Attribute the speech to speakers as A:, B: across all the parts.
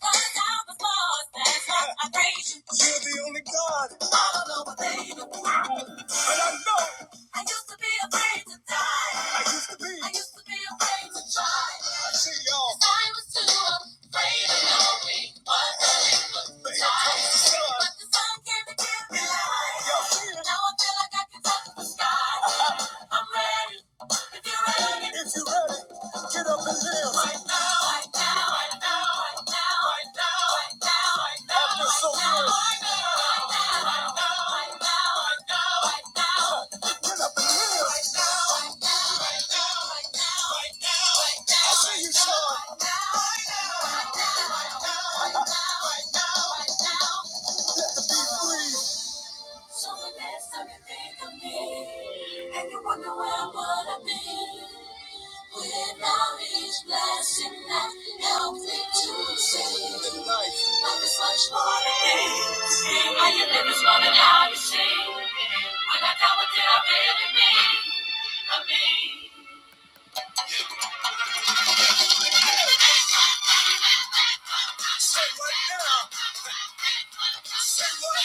A: I don't know what they even I used to be afraid to die. I used to be. afraid to try. I see y'all. afraid to give I feel like I can touch the If you're ready. Get up and dance. Right now. Right now. Right now. Right now. Right now. Right now. Right now. I feel so good. Right now. Right now. Right now. Right now. Right now. Right now. Get up and dance. Right now. Right now. Right now. Right now. Right now. Right now. I see you, Sean. Right now. Right now. Right now. Right now. Right now. Right now. Let the beat breathe. So the last time you think of me, and you wonder where I wanna be. Without each blessing that helped me to see. Tonight. Life is much more than things. How you live is more than how you sing. When I doubt what did I really mean? I mean. Say what now? Say what?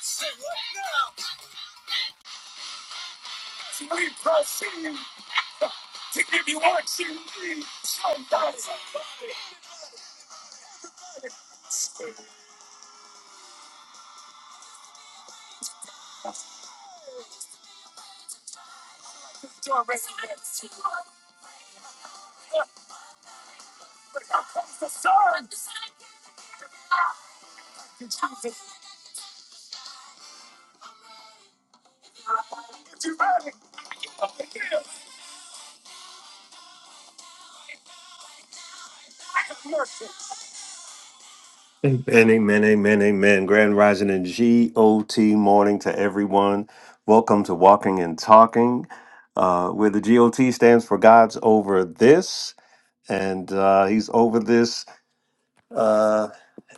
A: Say what now? And amen, amen, amen. Grand Rising and GOT morning to everyone. Welcome to Walking and Talking, uh, where the GOT stands for God's over this, and uh, He's over this uh,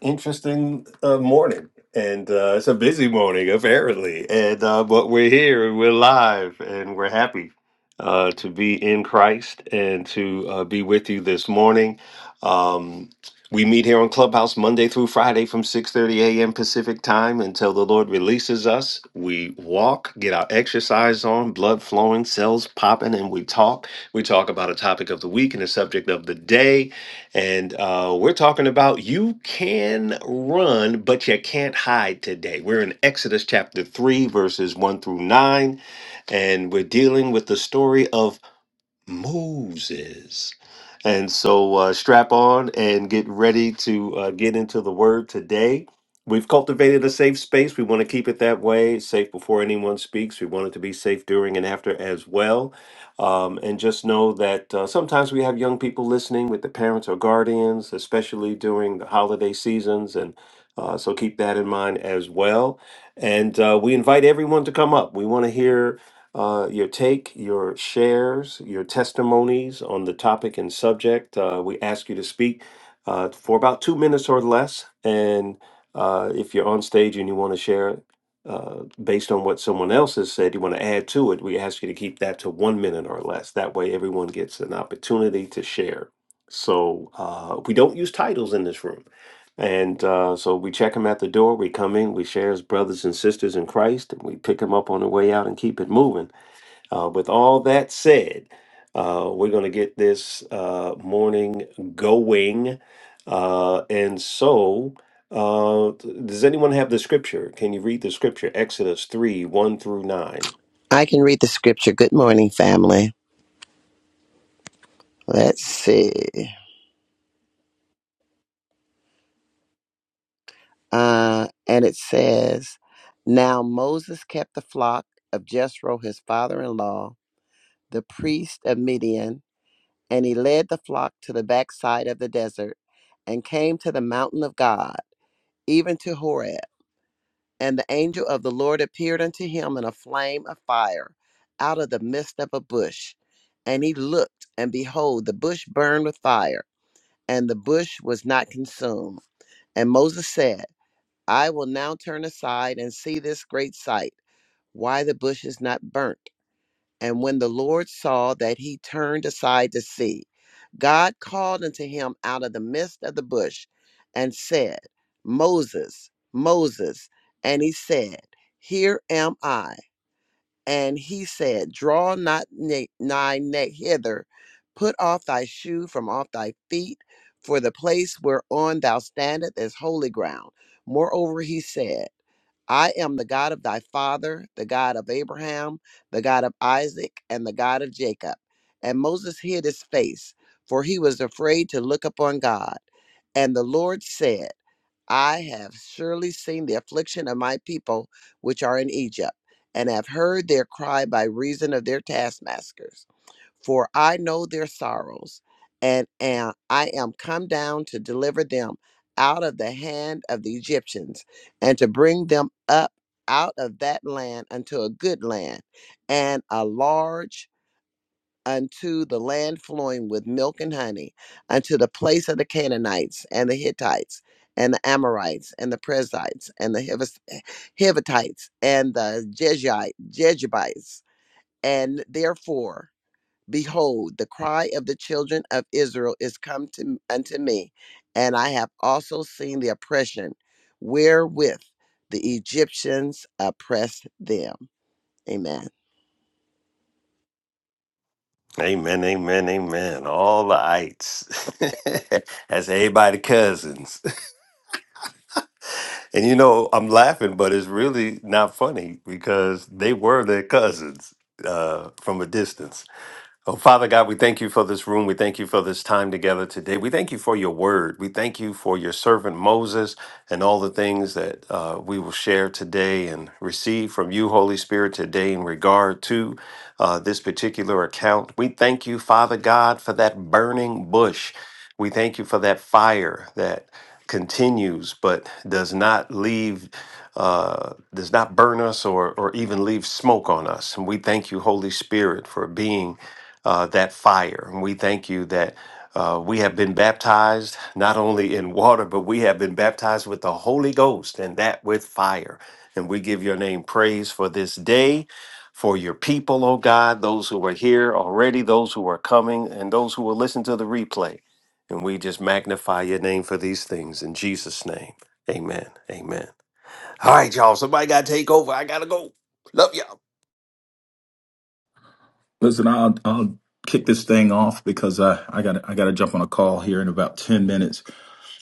A: interesting uh, morning, and uh, it's a busy morning apparently. And uh, but we're here, and we're live, and we're happy uh, to be in Christ and to uh, be with you this morning. Um, we meet here on Clubhouse Monday through Friday from 6:30 a.m. Pacific time until the Lord releases us. We walk, get our exercise on, blood flowing, cells popping, and we talk. We talk about a topic of the week and a subject of the day and uh, we're talking about you can run, but you can't hide today. We're in Exodus chapter 3, verses 1 through 9, and we're dealing with the story of Moses. And so uh, strap on and get ready to uh, get into the word today. We've cultivated a safe space. We want to keep it that way, safe before anyone speaks. We want it to be safe during and after as well. Um, and just know that uh, sometimes we have young people listening with the parents or guardians, especially during the holiday seasons. And uh, so keep that in mind as well. And uh, we invite everyone to come up. We want to hear uh, your take, your shares, your testimonies on the topic and subject. Uh, we ask you to speak uh, for about two minutes or less. And uh, if you're on stage and you want to share uh, based on what someone else has said, you want to add to it, we ask you to keep that to one minute or less. That way, everyone gets an opportunity to share. So uh, we don't use titles in this room. And uh, so we check them at the door. We come in, we share as brothers and sisters in Christ, and we pick them up on the way out and keep it moving. Uh, with all that said, uh, we're going to get this uh, morning going. Uh, and so, uh, th- does anyone have the scripture? Can you read the scripture? Exodus 3 1 through 9.
B: I can read the scripture. Good morning, family. Let's see. Uh, and it says, Now Moses kept the flock of Jethro, his father in law, the priest of Midian, and he led the flock to the backside of the desert and came to the mountain of God, even to Horeb. And the angel of the Lord appeared unto him in a flame of fire out of the midst of a bush. And he looked, and behold, the bush burned with fire and the bush was not consumed. And Moses said, I will now turn aside and see this great sight, why the bush is not burnt. And when the Lord saw that he turned aside to see, God called unto him out of the midst of the bush and said, Moses, Moses. And he said, Here am I. And he said, Draw not ne- nigh neck hither, put off thy shoe from off thy feet, for the place whereon thou standest is holy ground. Moreover, he said, I am the God of thy father, the God of Abraham, the God of Isaac, and the God of Jacob. And Moses hid his face, for he was afraid to look upon God. And the Lord said, I have surely seen the affliction of my people which are in Egypt, and have heard their cry by reason of their taskmasters. For I know their sorrows, and am, I am come down to deliver them out of the hand of the Egyptians, and to bring them up out of that land unto a good land, and a large unto the land flowing with milk and honey, unto the place of the Canaanites and the Hittites and the Amorites and the Perizzites and the Hivis- Hivitites and the Jezhi- Jejubites. And therefore, behold, the cry of the children of Israel is come to, unto me, and I have also seen the oppression wherewith the Egyptians oppressed them. Amen.
A: Amen, amen, amen. All the ites. That's everybody cousins. And you know, I'm laughing, but it's really not funny because they were their cousins uh, from a distance. Oh, Father God, we thank you for this room. We thank you for this time together today. We thank you for your word. We thank you for your servant Moses and all the things that uh, we will share today and receive from you, Holy Spirit, today in regard to uh, this particular account. We thank you, Father God, for that burning bush. We thank you for that fire that continues but does not leave uh, does not burn us or or even leave smoke on us and we thank you holy spirit for being uh, that fire. And we thank you that uh, we have been baptized not only in water, but we have been baptized with the Holy Ghost and that with fire. And we give your name praise for this day, for your people, oh God, those who are here already, those who are coming, and those who will listen to the replay. And we just magnify your name for these things in Jesus' name. Amen. Amen. All right, y'all. Somebody got to take over. I got to go. Love ya.
C: Listen, I'll I'll kick this thing off because I I got I got to jump on a call here in about ten minutes.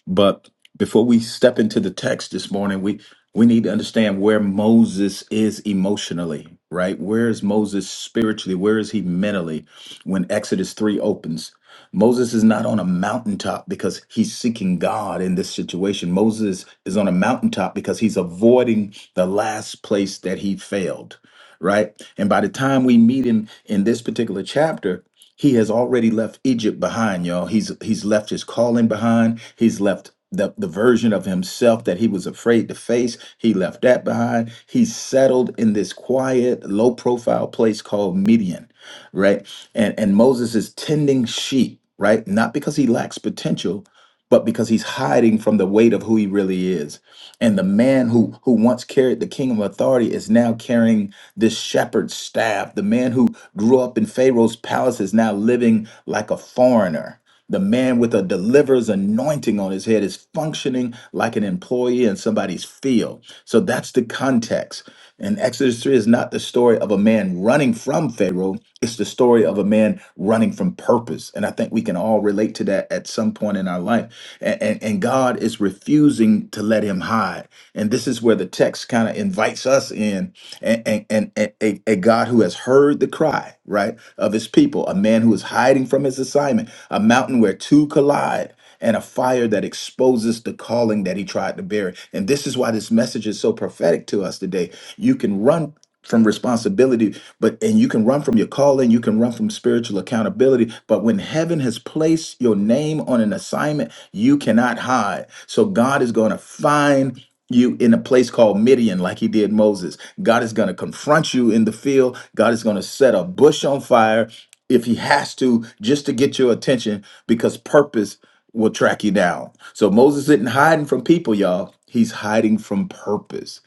C: But before we step into the text this morning, we we need to understand where Moses is emotionally, right? Where is Moses spiritually? Where is he mentally when Exodus 3 opens? Moses is not on a mountaintop because he's seeking God in this situation. Moses is on a mountaintop because he's avoiding the last place that he failed, right? And by the time we meet him in this particular chapter, he has already left Egypt behind, y'all. He's he's left his calling behind. He's left the, the version of himself that he was afraid to face. He left that behind. He's settled in this quiet, low profile place called Midian, right? And and Moses is tending sheep, right? Not because he lacks potential, but because he's hiding from the weight of who he really is. And the man who who once carried the kingdom authority is now carrying this shepherd's staff. The man who grew up in Pharaoh's palace is now living like a foreigner. The man with a deliverer's anointing on his head is functioning like an employee in somebody's field. So that's the context. And Exodus 3 is not the story of a man running from Pharaoh, it's the story of a man running from purpose. And I think we can all relate to that at some point in our life. And, and, and God is refusing to let him hide. And this is where the text kind of invites us in and, and, and, and a, a God who has heard the cry, right, of his people, a man who is hiding from his assignment, a mountain where two collide, and a fire that exposes the calling that he tried to bury. And this is why this message is so prophetic to us today. You can run from responsibility but and you can run from your calling you can run from spiritual accountability but when heaven has placed your name on an assignment you cannot hide so god is going to find you in a place called Midian, like he did Moses. God is going to confront you in the field. God is going to set a bush on fire if he has to, just to get your attention, because purpose will track you down. So Moses isn't hiding from people, y'all. He's hiding from purpose.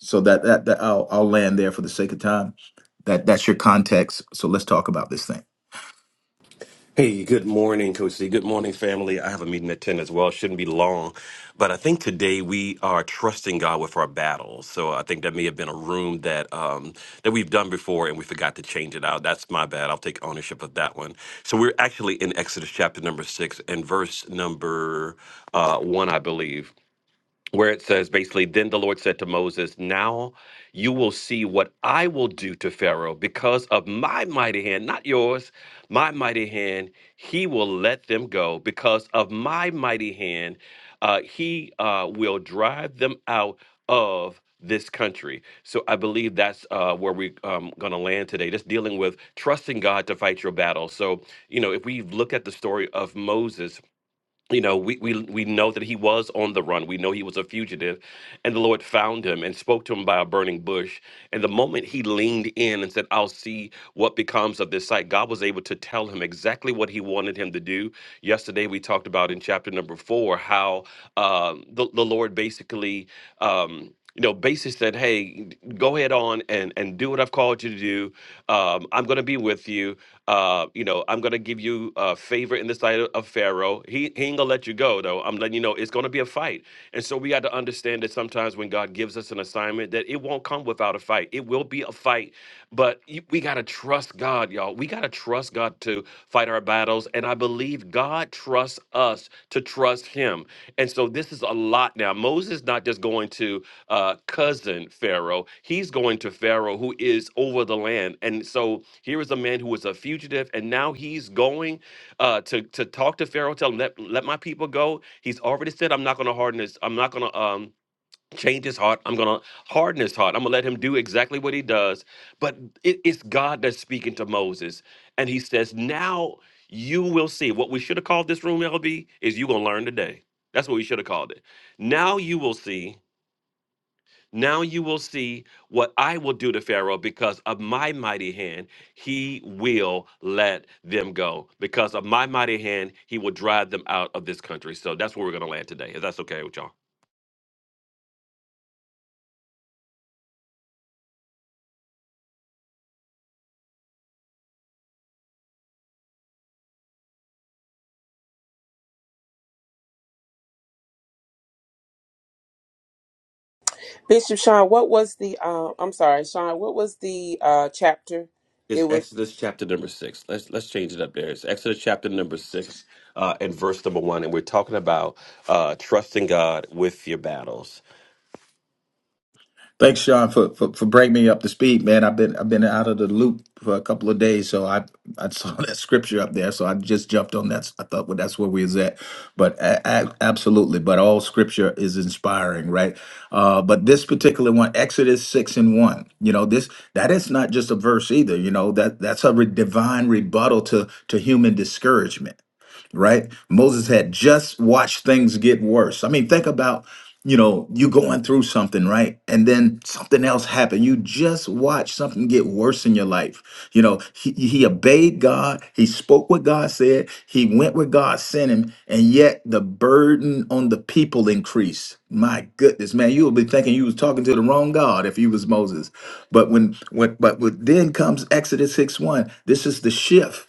C: So that that, that I'll, I'll land there for the sake of time. That that's your context. So let's talk about this thing.
D: Hey, good morning, Coach C. Good morning, family. I have a meeting at 10 as well. Shouldn't be long. But I think today we are trusting God with our battles. So I think that may have been a room that um, that we've done before and we forgot to change it out. That's my bad. I'll take ownership of that one. So we're actually in Exodus chapter number six and verse number uh, one, I believe where it says basically, then the Lord said to Moses, Now you will see what I will do to Pharaoh because of my mighty hand, not yours, my mighty hand, he will let them go. Because of my mighty hand, uh, he uh, will drive them out of this country. So I believe that's uh, where we're um, going to land today, just dealing with trusting God to fight your battle. So, you know, if we look at the story of Moses, you know we, we we know that he was on the run we know he was a fugitive and the lord found him and spoke to him by a burning bush and the moment he leaned in and said i'll see what becomes of this site god was able to tell him exactly what he wanted him to do yesterday we talked about in chapter number four how um the, the lord basically um, you know, basically said, "Hey, go ahead on and and do what I've called you to do. Um, I'm going to be with you. Uh, you know, I'm gonna give you uh, favor in the sight of of Pharaoh. He he ain't gonna let you go though. I'm letting you know it's gonna be a fight. And so we got to understand that sometimes when God gives us an assignment, that it won't come without a fight. It will be a fight, but you- we gotta trust God, y'all. We gotta trust God to fight our battles. And I believe God trusts us to trust Him. And so this is a lot now. Moses not just going to uh, cousin Pharaoh. He's going to Pharaoh, who is over the land. And so here is a man who was a fugitive, and now he's going uh, to to talk to Pharaoh, tell him let let my people go. He's already said, I'm not going to harden his, I'm not going to um change his heart. I'm going to harden his heart. I'm going to let him do exactly what he does. But it, it's God that's speaking to Moses, and he says, now. You will see. What we should have called this room, LB, is you gonna learn today. That's what we should have called it. Now you will see now you will see what I will do to Pharaoh because of my mighty hand, he will let them go. Because of my mighty hand, he will drive them out of this country. So that's where we're going to land today. If that's okay with y'all.
E: Bishop Sean, what was the uh, I'm sorry, Sean, what was the uh chapter?
D: It's
E: It was
D: Exodus chapter number six. Let's let's change it up there. It's Exodus chapter number six uh, and verse number one, and we're talking about uh, trusting God with your battles.
C: Thanks, Sean, for, for for bringing me up to speed, man. I've been I've been out of the loop for a couple of days, so I I saw that scripture up there, so I just jumped on that. I thought, well, that's where we was at, but a- a- absolutely. But all scripture is inspiring, right? Uh, but this particular one, Exodus six and one, you know, this that is not just a verse either. You know that that's a re- divine rebuttal to to human discouragement right? Moses had just watched things get worse. I mean, think about, you know, you going through something, right? And then something else happened. You just watched something get worse in your life. You know, he, he obeyed God, he spoke what God said, he went where God sent him, and yet the burden on the people increased. My goodness, man, you would be thinking you was talking to the wrong God if you was Moses. But when, when but when, then comes Exodus 6 1, this is the shift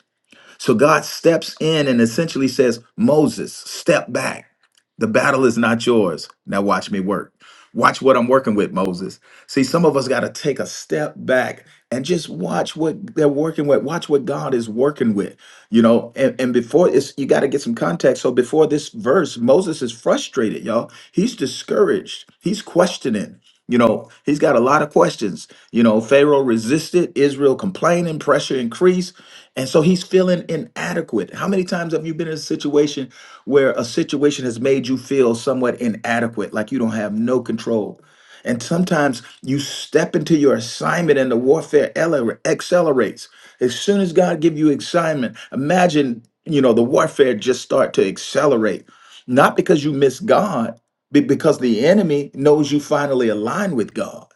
C: so God steps in and essentially says, Moses, step back. The battle is not yours. Now watch me work. Watch what I'm working with, Moses. See, some of us got to take a step back and just watch what they're working with. Watch what God is working with, you know. And, and before it's, you got to get some context. So before this verse, Moses is frustrated, y'all. He's discouraged. He's questioning. You know, he's got a lot of questions. You know, Pharaoh resisted, Israel complaining, pressure increased. And so he's feeling inadequate. How many times have you been in a situation where a situation has made you feel somewhat inadequate, like you don't have no control? And sometimes you step into your assignment and the warfare ele- accelerates. As soon as God give you assignment, imagine, you know, the warfare just start to accelerate. Not because you miss God, be- because the enemy knows you finally align with God.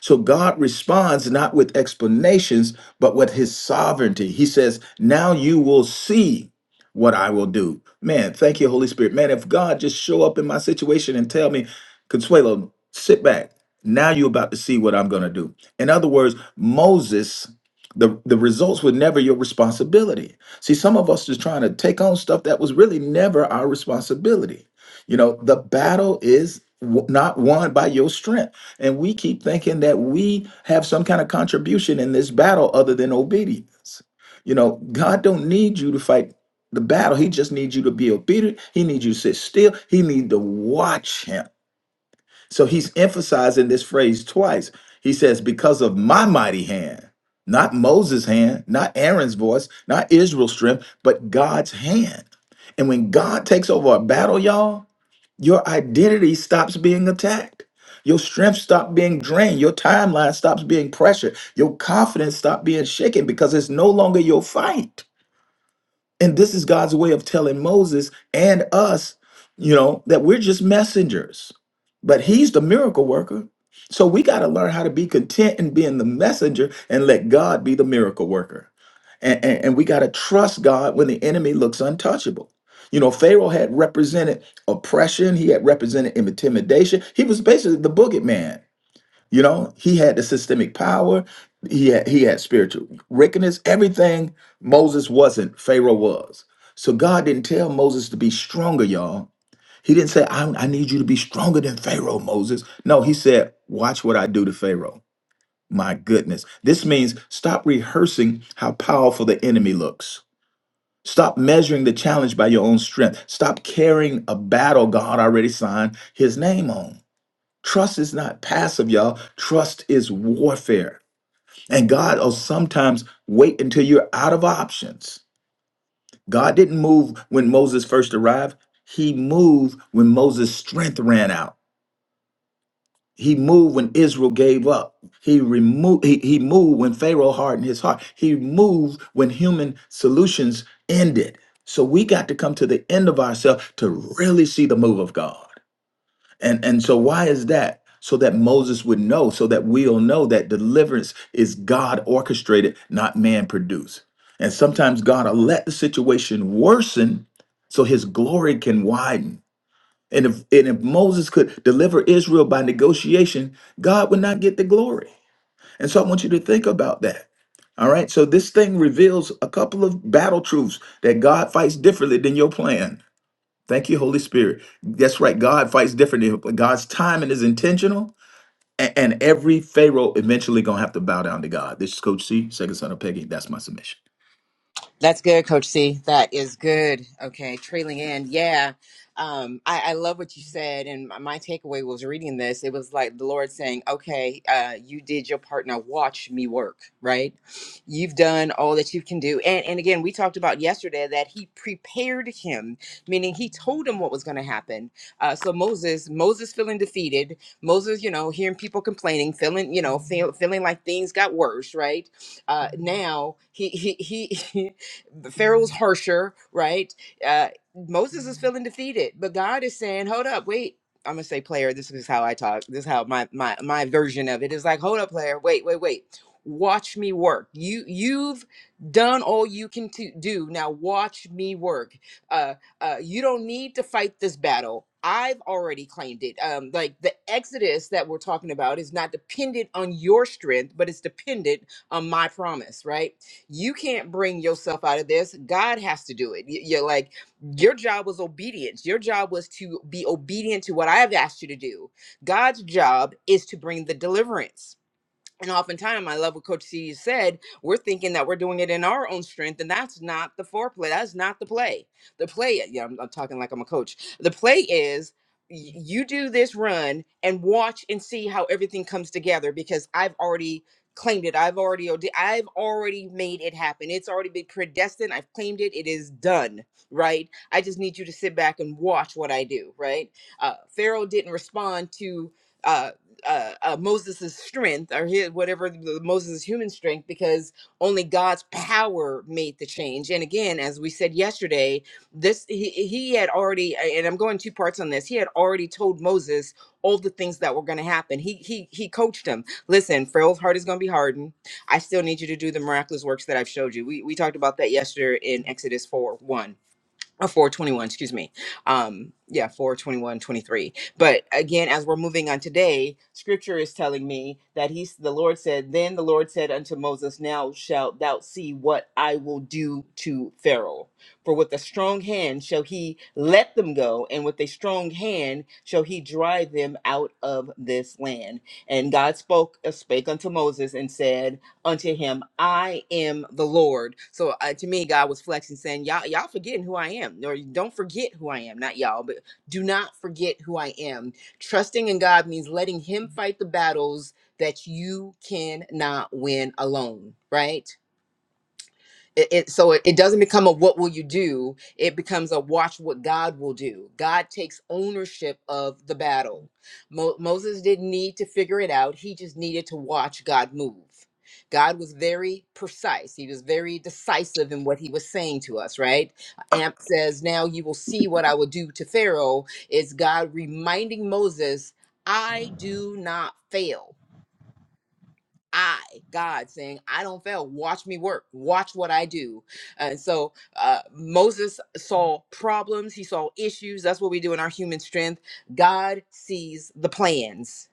C: So God responds not with explanations, but with his sovereignty. He says, Now you will see what I will do. Man, thank you, Holy Spirit. Man, if God just show up in my situation and tell me, Consuelo, sit back. Now you're about to see what I'm going to do. In other words, Moses, the, the results were never your responsibility. See, some of us is trying to take on stuff that was really never our responsibility. You know, the battle is w- not won by your strength. And we keep thinking that we have some kind of contribution in this battle other than obedience. You know, God don't need you to fight the battle. He just needs you to be obedient. He needs you to sit still. He needs to watch him. So he's emphasizing this phrase twice. He says, because of my mighty hand, not Moses' hand, not Aaron's voice, not Israel's strength, but God's hand. And when God takes over a battle, y'all, your identity stops being attacked. Your strength stops being drained. Your timeline stops being pressured. Your confidence stops being shaken because it's no longer your fight. And this is God's way of telling Moses and us, you know, that we're just messengers, but he's the miracle worker. So we got to learn how to be content in being the messenger and let God be the miracle worker. And, and, and we got to trust God when the enemy looks untouchable. You know, Pharaoh had represented oppression, he had represented intimidation. He was basically the boogeyman you know, he had the systemic power. He had, he had spiritual wickedness. Everything Moses wasn't, Pharaoh was. So God didn't tell Moses to be stronger, y'all. He didn't say, I, I need you to be stronger than Pharaoh, Moses. No, he said, Watch what I do to Pharaoh. My goodness. This means stop rehearsing how powerful the enemy looks. Stop measuring the challenge by your own strength. Stop carrying a battle God already signed his name on. Trust is not passive, y'all. Trust is warfare. And God will sometimes wait until you're out of options. God didn't move when Moses first arrived, He moved when Moses' strength ran out. He moved when Israel gave up. He removed he, he moved when Pharaoh hardened his heart. He moved when human solutions ended. So we got to come to the end of ourselves to really see the move of God. And and so why is that? So that Moses would know, so that we'll know that deliverance is God orchestrated, not man produced. And sometimes God will let the situation worsen so his glory can widen. And if and if Moses could deliver Israel by negotiation, God would not get the glory. And so I want you to think about that. All right. So this thing reveals a couple of battle truths that God fights differently than your plan. Thank you, Holy Spirit. That's right. God fights differently. But God's timing is intentional, a- and every Pharaoh eventually gonna have to bow down to God. This is Coach C, second son of Peggy. That's my submission.
F: That's good, Coach C. That is good. Okay, trailing in. Yeah. Um, I, I love what you said. And my my takeaway was reading this. It was like the Lord saying, okay, uh, you did your part. Now watch me work, right? You've done all that you can do. And, and again, we talked about yesterday that he prepared him, meaning he told him what was going to happen. Uh, so Moses, Moses feeling defeated, Moses, you know, hearing people complaining, feeling, you know, feel, feeling like things got worse, right? uh, now he he he Pharaoh's harsher, right? Uh, Moses is feeling defeated, but God is saying, "Hold up, wait." I'm gonna say, player. This is how I talk. This is how my my my version of it is like, "Hold up, player. Wait, wait, wait. Watch me work. You you've done all you can to do. Now watch me work. Uh, uh, you don't need to fight this battle." I've already claimed it. Um, like the exodus that we're talking about is not dependent on your strength, but it's dependent on my promise, right? You can't bring yourself out of this. God has to do it. Y- You're like, your job was obedience. Your job was to be obedient to what I have asked you to do. God's job is to bring the deliverance and oftentimes, I love what Coach C said. We're thinking that we're doing it in our own strength, and that's not the foreplay. That's not the play. The play, uh, yeah, I'm, I'm talking like I'm a coach. The play is y- you do this run and watch and see how everything comes together because I've already claimed it. I've already, ode- I've already made it happen. It's already been predestined. I've claimed it. It is done. Right. I just need you to sit back and watch what I do. Right. Uh, Pharaoh didn't respond to. uh, uh, uh, Moses' strength or his whatever the, Moses' human strength because only God's power made the change. And again, as we said yesterday, this he, he had already and I'm going two parts on this. He had already told Moses all the things that were going to happen. He he he coached him. Listen, Pharaoh's heart is going to be hardened. I still need you to do the miraculous works that I've showed you. We we talked about that yesterday in Exodus 4 1 or 421 excuse me um yeah four twenty-one, twenty-three. but again as we're moving on today scripture is telling me that he's the lord said then the lord said unto moses now shalt thou see what i will do to pharaoh for with a strong hand shall he let them go and with a strong hand shall he drive them out of this land and god spoke uh, spake unto moses and said unto him, I am the Lord. So uh, to me, God was flexing, saying, Y'all, y'all forgetting who I am. Or don't forget who I am. Not y'all, but do not forget who I am. Trusting in God means letting him fight the battles that you cannot win alone, right? It, it so it, it doesn't become a what will you do? It becomes a watch what God will do. God takes ownership of the battle. Mo- Moses didn't need to figure it out. He just needed to watch God move. God was very precise. He was very decisive in what he was saying to us, right? Amp says, Now you will see what I will do to Pharaoh. It's God reminding Moses, I do not fail. I, God, saying, I don't fail. Watch me work. Watch what I do. And so uh, Moses saw problems. He saw issues. That's what we do in our human strength. God sees the plans.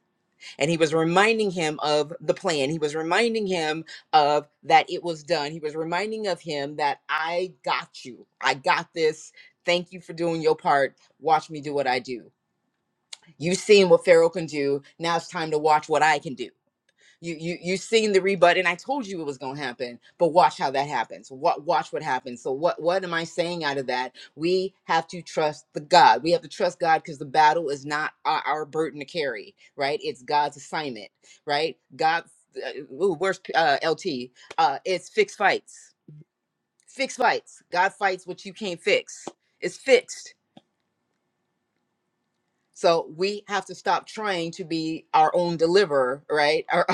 F: And he was reminding him of the plan. He was reminding him of that it was done. He was reminding of him that I got you. I got this. Thank you for doing your part. Watch me do what I do. You've seen what Pharaoh can do. Now it's time to watch what I can do you you you seen the rebut and i told you it was going to happen but watch how that happens what watch what happens so what what am i saying out of that we have to trust the god we have to trust god because the battle is not our, our burden to carry right it's god's assignment right god uh, ooh, where's uh, lt uh it's fixed fights fixed fights god fights what you can't fix it's fixed so we have to stop trying to be our own deliverer, right? Or-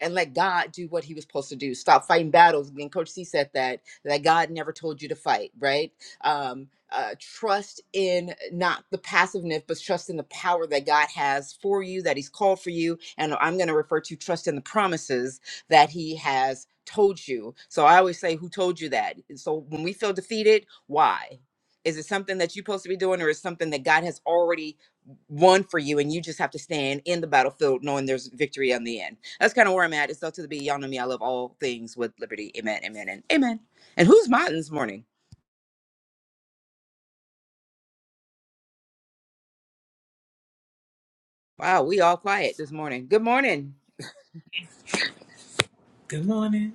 F: and let God do what he was supposed to do. Stop fighting battles. Again, Coach C said that, that God never told you to fight, right? Um, uh, trust in not the passiveness, but trust in the power that God has for you, that he's called for you. And I'm going to refer to trust in the promises that he has told you. So I always say, who told you that? And So when we feel defeated, why? Is it something that you're supposed to be doing, or is something that God has already won for you and you just have to stand in the battlefield knowing there's victory on the end. That's kind of where I'm at. It's up to the be. Y'all know me. I love all things with liberty. Amen, amen, and amen. And who's mine this morning? Wow, we all quiet this morning. Good morning.
G: Good morning.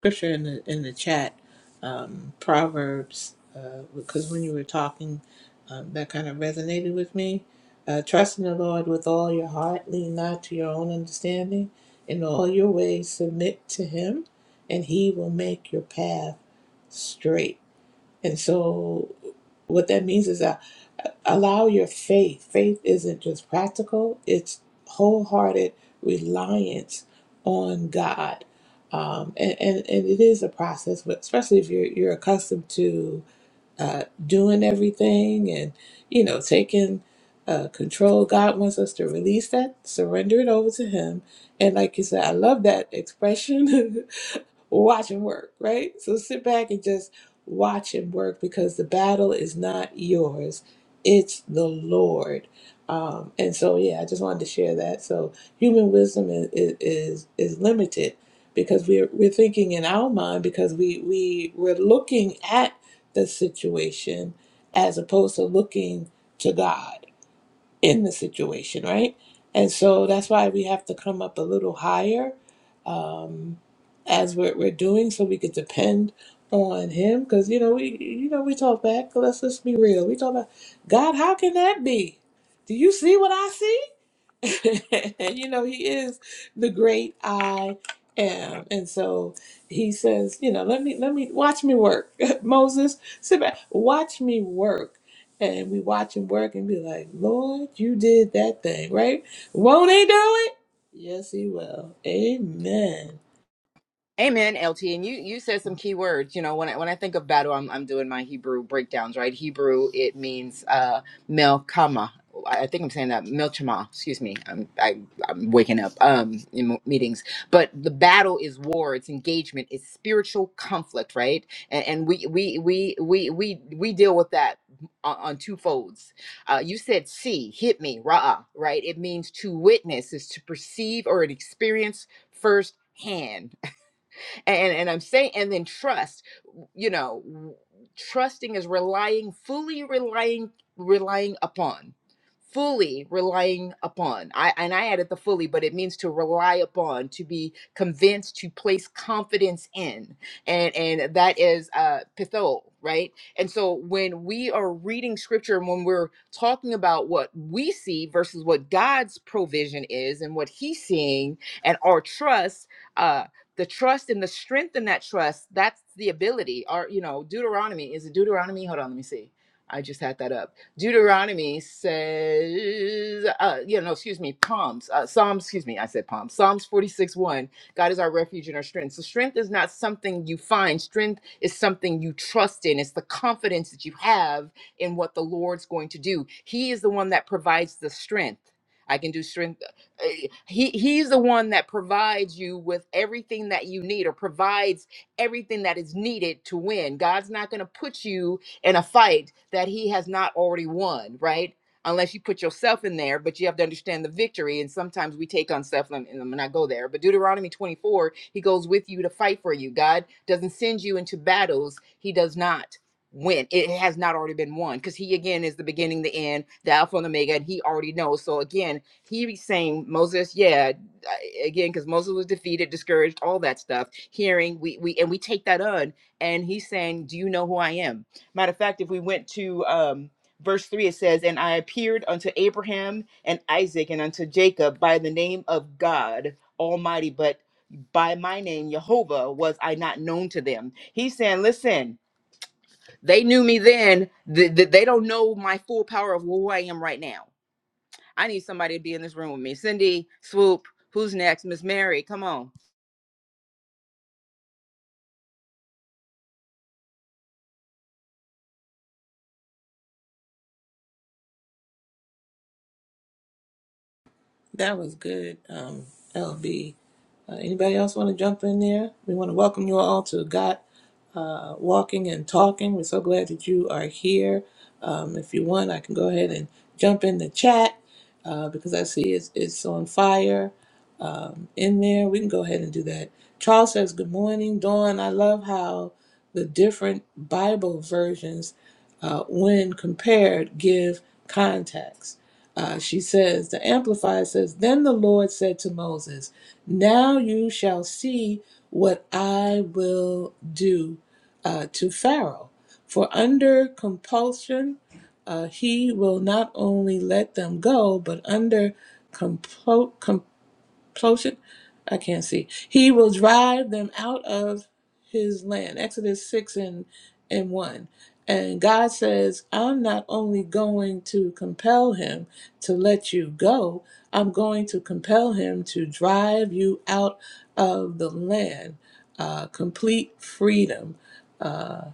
G: Scripture in the in the chat, um, Proverbs, uh, because when you were talking, um, that kind of resonated with me. Uh, Trust in the Lord with all your heart, lean not to your own understanding. In all your ways, submit to Him, and He will make your path straight. And so, what that means is that uh, allow your faith. Faith isn't just practical, it's wholehearted reliance on God. Um, and, and, and it is a process, but especially if you're, you're accustomed to uh, doing everything and, you know, taking uh, control, God wants us to release that, surrender it over to Him. And like you said, I love that expression watch him work, right? So sit back and just watch him work because the battle is not yours, it's the Lord. Um, and so, yeah, I just wanted to share that. So, human wisdom is is, is limited because we're we're thinking in our mind because we we we're looking at the situation as opposed to looking to God in the situation, right? And so that's why we have to come up a little higher um, as we're, we're doing, so we could depend on Him. Because you know we you know we talk back. Let's let's be real. We talk about God. How can that be? Do you see what I see? you know, he is the great I am. And so he says, you know, let me let me watch me work. Moses, sit back, watch me work. And we watch him work and be like, Lord, you did that thing, right? Won't he do it? Yes, he will. Amen.
F: Amen, LT. And you you said some key words. You know, when I, when I think of battle, I'm I'm doing my Hebrew breakdowns, right? Hebrew it means uh melchama. I I think I'm saying that melchama. Excuse me. I'm I, I'm waking up um in mo- meetings. But the battle is war. It's engagement. It's spiritual conflict, right? And, and we we we we we we deal with that on, on two folds. Uh, you said see hit me rah right? It means to witness is to perceive or an experience firsthand, and and i'm saying and then trust you know trusting is relying fully relying relying upon fully relying upon i and i added the fully but it means to rely upon to be convinced to place confidence in and and that is uh pitho right and so when we are reading scripture and when we're talking about what we see versus what god's provision is and what he's seeing and our trust uh the trust and the strength in that trust that's the ability or you know deuteronomy is it deuteronomy hold on let me see i just had that up deuteronomy says uh you know excuse me palms uh psalms excuse me i said palms psalms 46 1 god is our refuge and our strength so strength is not something you find strength is something you trust in it's the confidence that you have in what the lord's going to do he is the one that provides the strength i can do strength eh, he he's the one that provides you with everything that you need or provides everything that is needed to win god's not going to put you in a fight that he has not already won right unless you put yourself in there but you have to understand the victory and sometimes we take on stuff and and i'm not go there but deuteronomy 24 he goes with you to fight for you god doesn't send you into battles he does not win it has not already been won because he again is the beginning the end the alpha and omega and he already knows so again he was saying Moses, yeah, again, because Moses was defeated, discouraged, all that stuff. Hearing, we we and we take that on, and he's saying, "Do you know who I am?" Matter of fact, if we went to um, verse three, it says, "And I appeared unto Abraham and Isaac and unto Jacob by the name of God Almighty, but by my name Jehovah was I not known to them." He's saying, "Listen, they knew me then; th- th- they don't know my full power of who I am right now." I need somebody to be in this room with me. Cindy, Swoop, who's next? Miss Mary, come on.
G: That was good, um, LB. Uh, anybody else want to jump in there? We want to welcome you all to God. uh, walking and talking. We're so glad that you are here. Um, if you want, I can go ahead and jump in the chat uh, because I see it's, it's on fire um, in there. We can go ahead and do that. Charles says, Good morning, Dawn. I love how the different Bible versions, uh, when compared, give context. Uh, she says, The Amplifier says, Then the Lord said to Moses, Now you shall see what I will do uh, to Pharaoh. For under compulsion, uh, he will not only let them go, but under complo- compulsion Closure? I can't see. He will drive them out of his land. Exodus 6 and, and 1. And God says, I'm not only going to compel him to let you go, I'm going to compel him to drive you out of the land. Uh, complete freedom. Uh,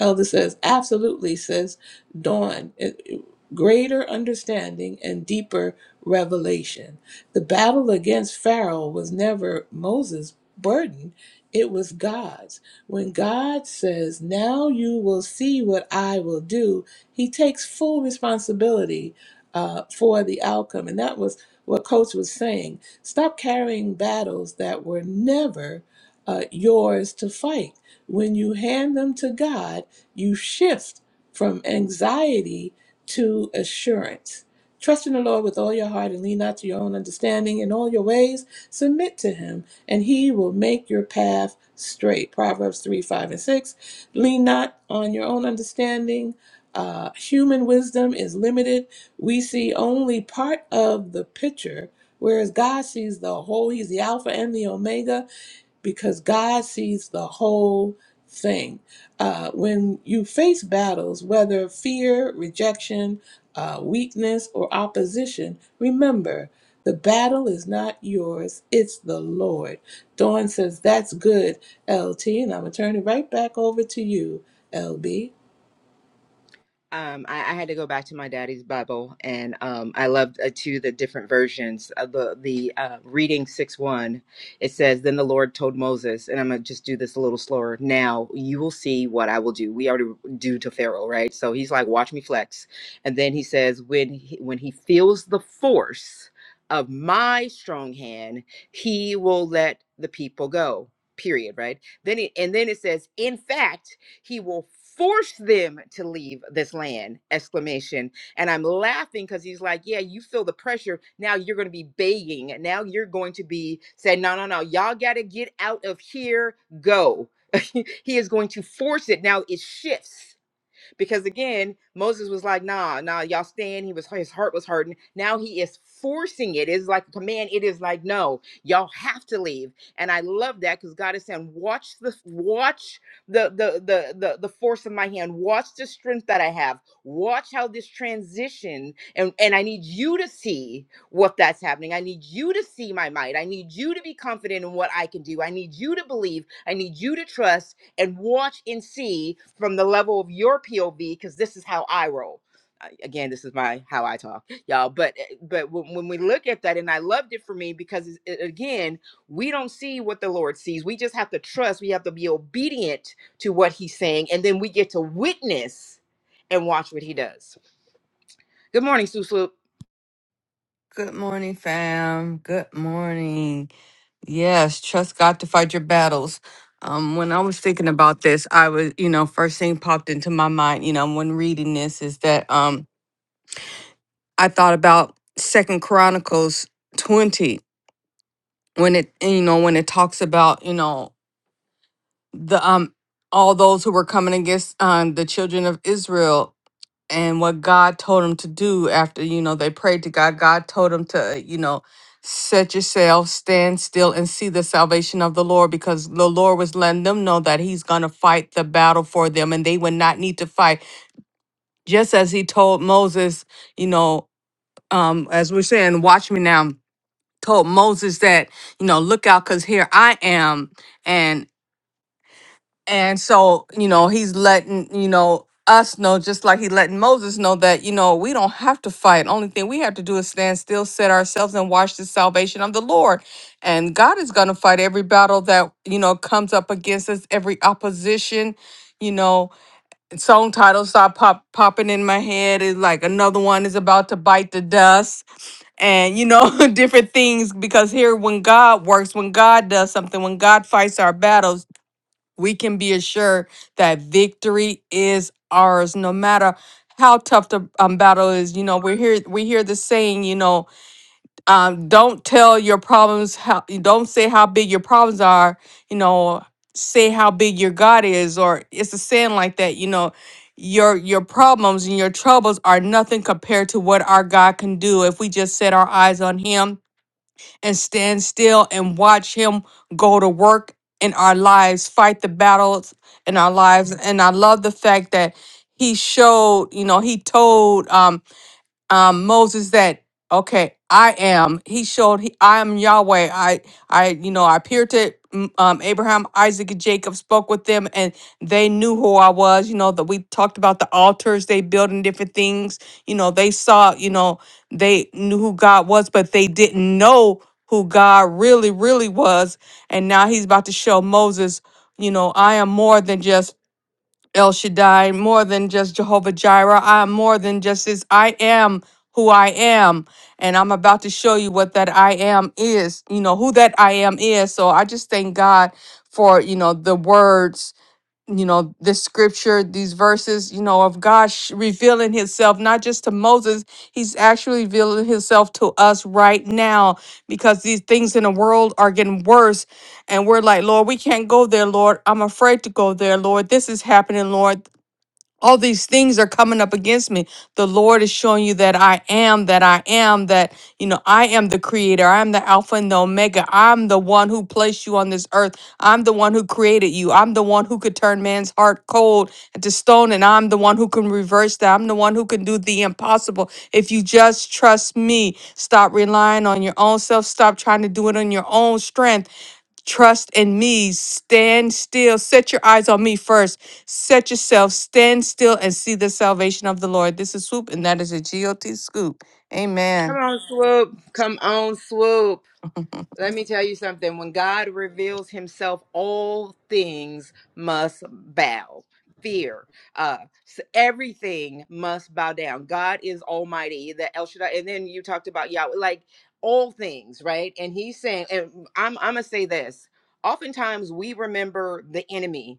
G: Elder says, absolutely, says Dawn. It- it- greater understanding and deeper revelation. The battle against Pharaoh was never Moses' burden, it was God's. When God says, Now you will see what I will do, he takes full responsibility uh, for the outcome. And that was what Coach was saying. Stop carrying battles that were never uh, yours to fight. When you hand them to God, you shift from anxiety to assurance Trust in the Lord with all your heart and lean not to your own understanding. In all your ways, submit to him, and he will make your path straight. Proverbs 3 5 and 6. Lean not on your own understanding. Uh, human wisdom is limited. We see only part of the picture, whereas God sees the whole. He's the Alpha and the Omega because God sees the whole thing. Uh, when you face battles, whether fear, rejection, uh, weakness, or opposition, remember the battle is not yours, it's the Lord. Dawn says, That's good, LT, and I'm going to turn it right back over to you, LB.
F: um, I, I had to go back to my daddy's Bible, and um, I loved uh, too the different versions of the the uh, reading six one. It says, "Then the Lord told Moses, and I'm gonna just do this a little slower. Now you will see what I will do. We already do to Pharaoh, right? So he's like, watch me flex, and then he says, when he, when he feels the force of my strong hand, he will let the people go. Period. Right? Then it, and then it says, in fact he will force them to leave this land exclamation and i'm laughing because he's like yeah you feel the pressure now you're going to be begging now you're going to be saying no no no y'all gotta get out of here go he is going to force it now it shifts because again, Moses was like, nah, nah, y'all stand. He was his heart was hurting. Now he is forcing it. It's like a command. It is like, no, y'all have to leave. And I love that because God is saying, watch the watch the the the the the force of my hand. Watch the strength that I have. Watch how this transition and and I need you to see what that's happening. I need you to see my might. I need you to be confident in what I can do. I need you to believe. I need you to trust and watch and see from the level of your POV because this is how I roll. Uh, Again, this is my how I talk, y'all. But uh, but when, when we look at that, and I loved it for me because it's- it, again, we don't see what the Lord sees. We just have to trust. We have to be obedient to what He's saying, and then we get to witness and watch what He does. Good morning, Sue Swoop.
H: Good morning, fam. Good morning. Yes, trust God to fight your battles. Um, when I was thinking about this, I was, you know, first thing popped into my mind, you know, when reading this is that um I thought about Second Chronicles 20 when it you know, when it talks about, you know, the um all those who were coming against um the children of Israel and what God told him to do after, you know, they prayed to God. God told him to, you know, set yourself, stand still, and see the salvation of the Lord because the Lord was letting them know that he's going to fight the battle for them and they would not need to fight. Just as he told Moses, you know, um, as we're saying, watch me now, told Moses that, you know, look out because here I am. And so, you know, he's letting, you know, us know, just like he letting Moses know that, you know, we don't have to fight. Only thing we have to do is stand still, set ourselves and watch the salvation of the Lord. And God is going to fight every battle that, you know, comes up against us, every opposition, you know, and song titles start pop, popping in my head. It's like another one is about to bite the dust and you know different things because here when god works when god does something when god fights our battles we can be assured that victory is ours no matter how tough the um, battle is you know we hear we hear the saying you know um, don't tell your problems how don't say how big your problems are you know say how big your god is or it's a saying like that you know your your problems and your troubles are nothing compared to what our god can do if we just set our eyes on him and stand still and watch Him go to work in our lives, fight the battles in our lives. And I love the fact that He showed, you know, He told. um, um, Moses that okay, I am. He showed he, I am Yahweh. I I you know I appeared to mm, um, Abraham, Isaac, and Jacob. Spoke with them, and they knew who I was. You know that we talked about the altars they built and different things. You know they saw. You know they knew who God was, but they didn't know who God really really was. And now he's about to show Moses. You know I am more than just El Shaddai, more than just Jehovah Jireh. I am more than just this. I am who I am. And I'm about to show you what that I am is, you know, who that I am is. So I just thank God for, you know, the words you know this scripture these verses you know of god sh- revealing himself not just to moses he's actually revealing himself to us right now because these things in the world are getting worse and we're like lord we can't go there lord i'm afraid to go there lord this is happening lord all these things are coming up against me the lord is showing you that i am that i am that you know i am the creator i'm the alpha and the omega i'm the one who placed you on this earth i'm the one who created you i'm the one who could turn man's heart cold into stone and i'm the one who can reverse that i'm the one who can do the impossible if you just trust me stop relying on your own self stop trying to do it on your own strength Trust in me. Stand still. Set your eyes on me first. Set yourself. Stand still and see the salvation of the Lord. This is Swoop, and that is a G O T scoop.
F: Come
H: Amen.
F: on, Swoop. Come on, Swoop. Let me tell you something. When God reveals himself, all things must bow. Fear, uh, s- everything must bow down. God is Almighty, the El Shaddai. And then you talked about Yahweh, like all things, right? And He's saying, and I'm, I'm gonna say this. Oftentimes we remember the enemy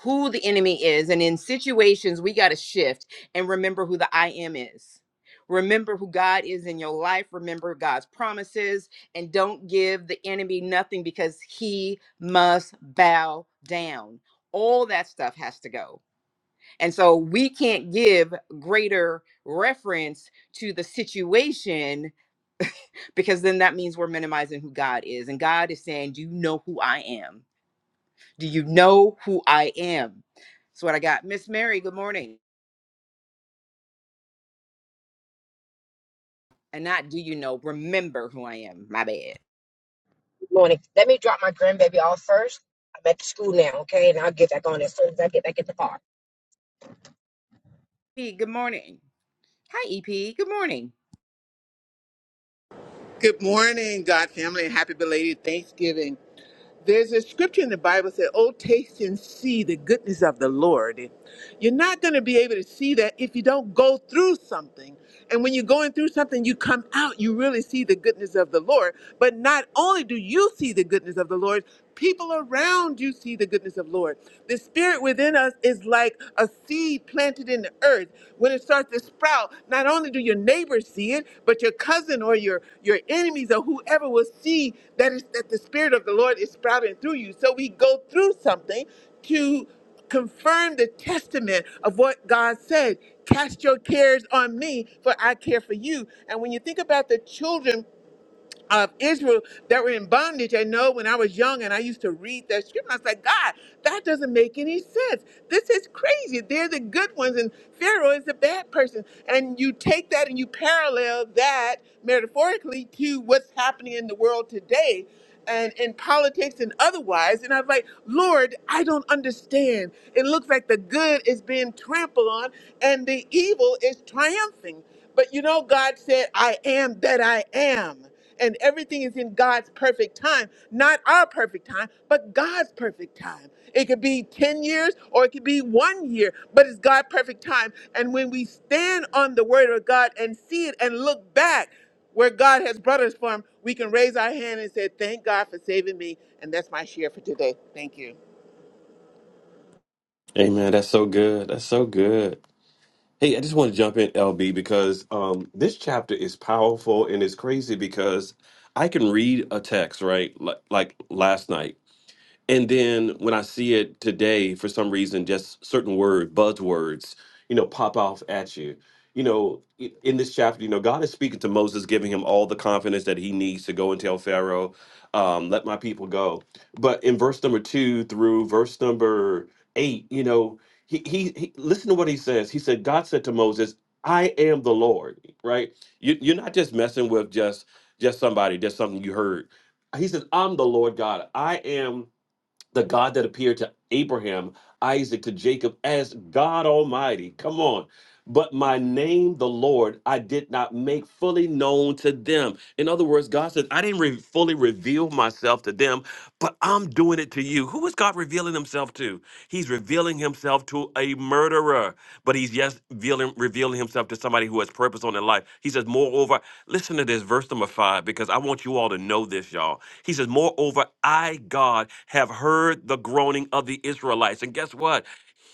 F: who the enemy is. And in situations, we got to shift and remember who the I am is. Remember who God is in your life. Remember God's promises and don't give the enemy nothing because he must bow down. All that stuff has to go. And so we can't give greater reference to the situation because then that means we're minimizing who God is. And God is saying, Do you know who I am? Do you know who I am? That's what I got. Miss Mary, good morning. And not do you know, remember who I am. My bad. E,
I: Good morning. Let me drop my grandbaby off first. I'm at the school now, okay? And I'll get back on as soon as I get back at the car.
F: P, good morning. Hi, EP. Good morning.
J: Good morning, God family, and happy belated Thanksgiving. There's a scripture in the Bible that says, Oh, taste and see the goodness of the Lord. You're not going to be able to see that if you don't go through something. And when you're going through something, you come out, you really see the goodness of the Lord. But not only do you see the goodness of the Lord, people around you see the goodness of the Lord. The spirit within us is like a seed planted planted in the earth, when it starts to sprout, not only do your neighbors see it, but your cousin or your your enemies or whoever will see that is that the spirit of the Lord is sprouting through you. So we go through something to confirm the testament of what God said. Cast your cares on me, for I care for you. And when you think about the children of Israel that were in bondage. I know when I was young and I used to read that scripture, I was like, God, that doesn't make any sense. This is crazy. They're the good ones, and Pharaoh is the bad person. And you take that and you parallel that metaphorically to what's happening in the world today. And in politics and otherwise. And I was like, Lord, I don't understand. It looks like the good is being trampled on and the evil is triumphing. But you know, God said, I am that I am. And everything is in God's perfect time, not our perfect time, but God's perfect time. It could be 10 years or it could be one year, but it's God's perfect time. And when we stand on the word of God and see it and look back where God has brought us from, we can raise our hand and say, Thank God for saving me. And that's my share for today. Thank you.
D: Amen. That's so good. That's so good. Hey, I just want to jump in, LB, because um, this chapter is powerful and it's crazy because I can read a text, right? Like, like last night. And then when I see it today, for some reason, just certain word buzzwords, you know, pop off at you. You know, i- in this chapter, you know, God is speaking to Moses, giving him all the confidence that he needs to go and tell Pharaoh, um, "Let my people go." But in verse number two through verse number eight, you know, he, he he listen to what he says. He said, "God said to Moses, I am the Lord." Right? You, you're not just messing with just just somebody, just something you heard. He says, "I'm the Lord God. I am." the God that appeared to Abraham, Isaac, to Jacob as God Almighty. Come on. But my name, the Lord, I did not make fully known to them. In other words, God says, I didn't re- fully reveal myself to them, but I'm doing it to you. Who is God revealing himself to? He's revealing himself to a murderer, but he's yes, revealing, revealing himself to somebody who has purpose on their life. He says, Moreover, listen to this, verse number five, because I want you all to know this, y'all. He says, Moreover, I, God, have heard the groaning of the Israelites. And guess what?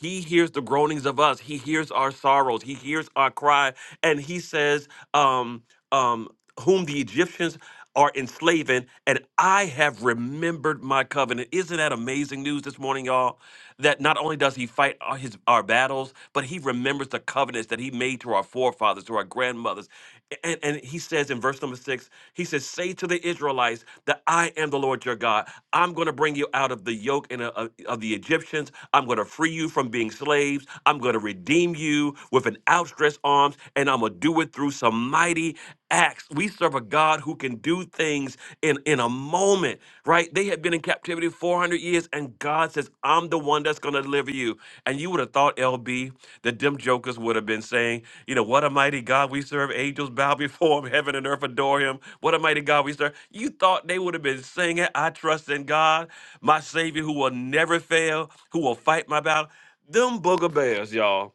D: He hears the groanings of us. He hears our sorrows. He hears our cry. And he says, um, um, Whom the Egyptians are enslaving, and I have remembered my covenant. Isn't that amazing news this morning, y'all? That not only does he fight our, his, our battles, but he remembers the covenants that he made to our forefathers, to our grandmothers. A- And, and he says in verse number six, he says, Say to the Israelites, is that I am the Lord your God. I'm going to bring you out of the yoke and uh, of of the Egyptians. I'm going to free you from being slaves. I'm going to redeem you with an outstretched arms, and I'm going to do it through some mighty acts. We serve a God who can do things in, in a moment, right? They had been in captivity 400 years, and God says, I'm the one that's going to deliver you. And you would have thought, LB, that them jokers would have been saying, you know, what a mighty God we serve. Angels bow before him, heaven and earth adore him. What a mighty God we serve. You thought they would have been singing, I trust in God, my Savior who will never fail, who will fight my battle. Them booger bears, y'all.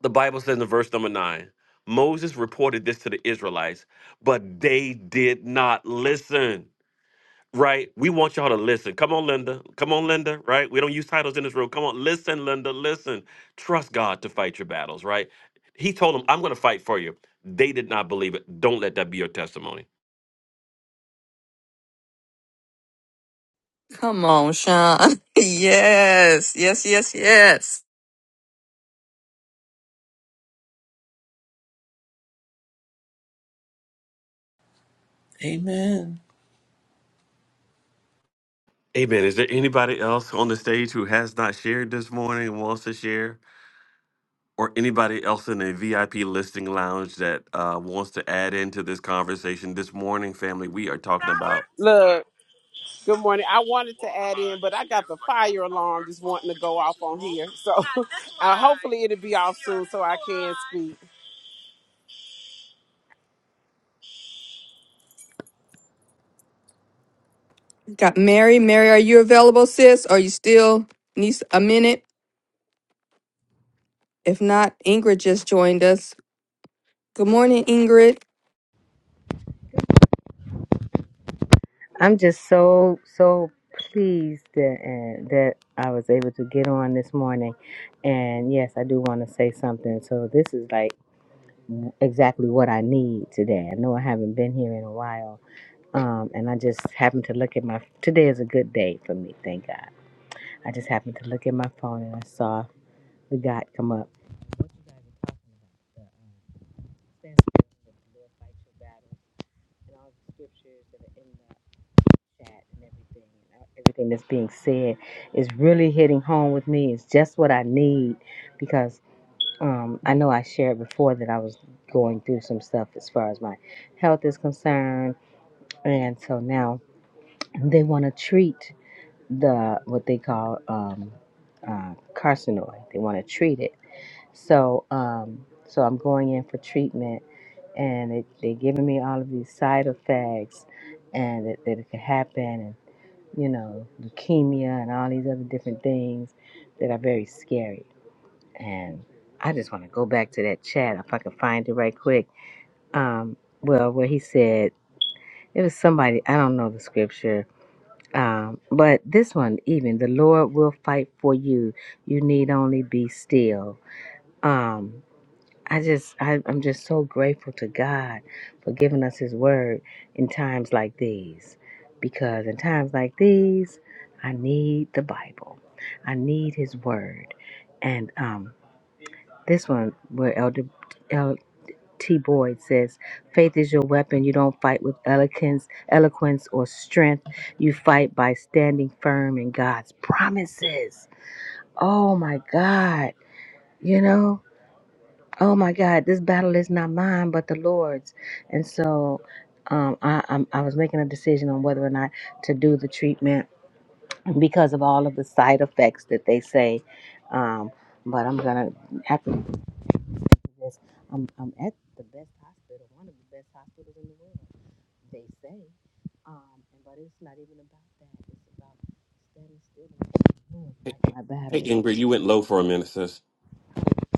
D: The Bible says in verse number nine Moses reported this to the Israelites, but they did not listen right? We want y'all to listen. Come on, Linda. Come on, Linda, right? We don't use titles in this room. Come on, listen, Linda, listen. Trust God to fight your battles, right? He told them, I'm going to fight for you. They did not believe it. Don't let that be your testimony.
H: Come on, Sean. yes, yes, yes, yes.
G: Amen.
D: Amen. Is there anybody else on the stage who has not shared this morning and wants to share? Or anybody else in the VIP listing lounge that uh, wants to add into this conversation this morning, family? We are talking about.
E: look, good morning. I wanted to add in, but I got the fire alarm just wanting to go off on here. So uh, hopefully it'll be off soon so I can speak.
H: Got Mary. Mary, are you available, sis? Are you still need a minute? If not, Ingrid just joined us. Good morning, Ingrid.
K: I'm just so so pleased that uh, that I was able to get on this morning, and yes, I do want to say something. So this is like exactly what I need today. I know I haven't been here in a while, um, and I just happened to look at my. Today is a good day for me, thank God. I just happened to look at my phone and I saw the God come up. What you guys are talking about? The, um, stand still, the Lord fights your battle, and all the scriptures that are in there. chat and everything and everything that's being said is really hitting home with me. It's just what I need because um, I know I shared before that I was going through some stuff as far as my health is concerned, and so now they want to treat the what they call um, uh, carcinoid. They want to treat it. So um, so I'm going in for treatment, and they they giving me all of these side effects and that, that it could happen you know, leukemia and all these other different things that are very scary. And I just want to go back to that chat if I can find it right quick. Um, well, where he said it was somebody I don't know the scripture, um, but this one even the Lord will fight for you. You need only be still. Um, I just, I, I'm just so grateful to God for giving us His Word in times like these. Because in times like these, I need the Bible, I need His Word. And um, this one, where Elder L.T. Boyd says, Faith is your weapon. You don't fight with eloquence, eloquence or strength. You fight by standing firm in God's promises. Oh my God. You know? oh my God, this battle is not mine, but the Lord's. And so um, I, I'm, I was making a decision on whether or not to do the treatment because of all of the side effects that they say. Um, but I'm going to, after this, I'm, I'm at the best hospital, one of the best hospitals in the world, they say. Um, and- but it's not even about that. It's about standing still and letting the Lord
D: Hey,
K: fight my
D: hey,
K: battles.
D: Ingrid, you went low for a minute, sis.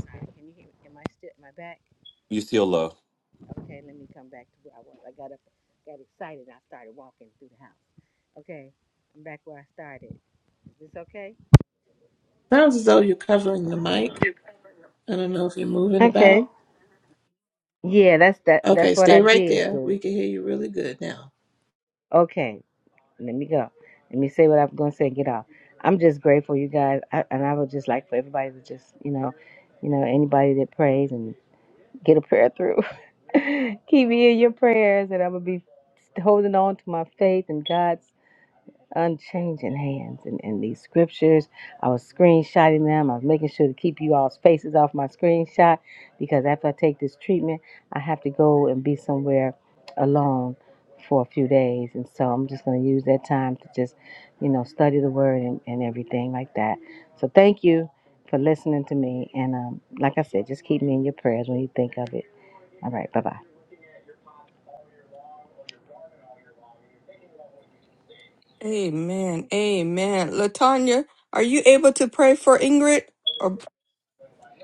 K: Sorry, can you hear me? Am I still, am I back?
D: You still low.
K: Okay, let me come back to where I was. I got up, got excited, and I started walking through the house. Okay, I'm back where I started. Is this okay?
G: Sounds as though you're covering the mic. I don't know if you're moving
K: Okay.
G: about.
K: Yeah, that's that. That's
G: Okay,
K: what I
G: stay right
K: did.
G: there.
K: girl.
G: We can hear you really good now.
K: Okay, let me go. Let me say what I'm gonna say and get off. I'm just grateful, you guys, I, and I would just like for everybody to just, you know, you know, anybody that prays and get a prayer through. Keep me in your prayers, and I'm gonna be holding on to my faith and God. unchanging hands in, in these scriptures. I was screenshotting them. I was making sure to keep you all's faces off my screenshot because after I take this treatment, I have to go and be somewhere alone for a few days. And so I'm just going to use that time to just, you know, study the word and, and everything like that. So thank you for listening to me. And um, like I said, just keep me in your prayers when you think of it. All right. Bye bye.
H: Amen. Amen. Latanya, are you able to pray for Ingrid? Or-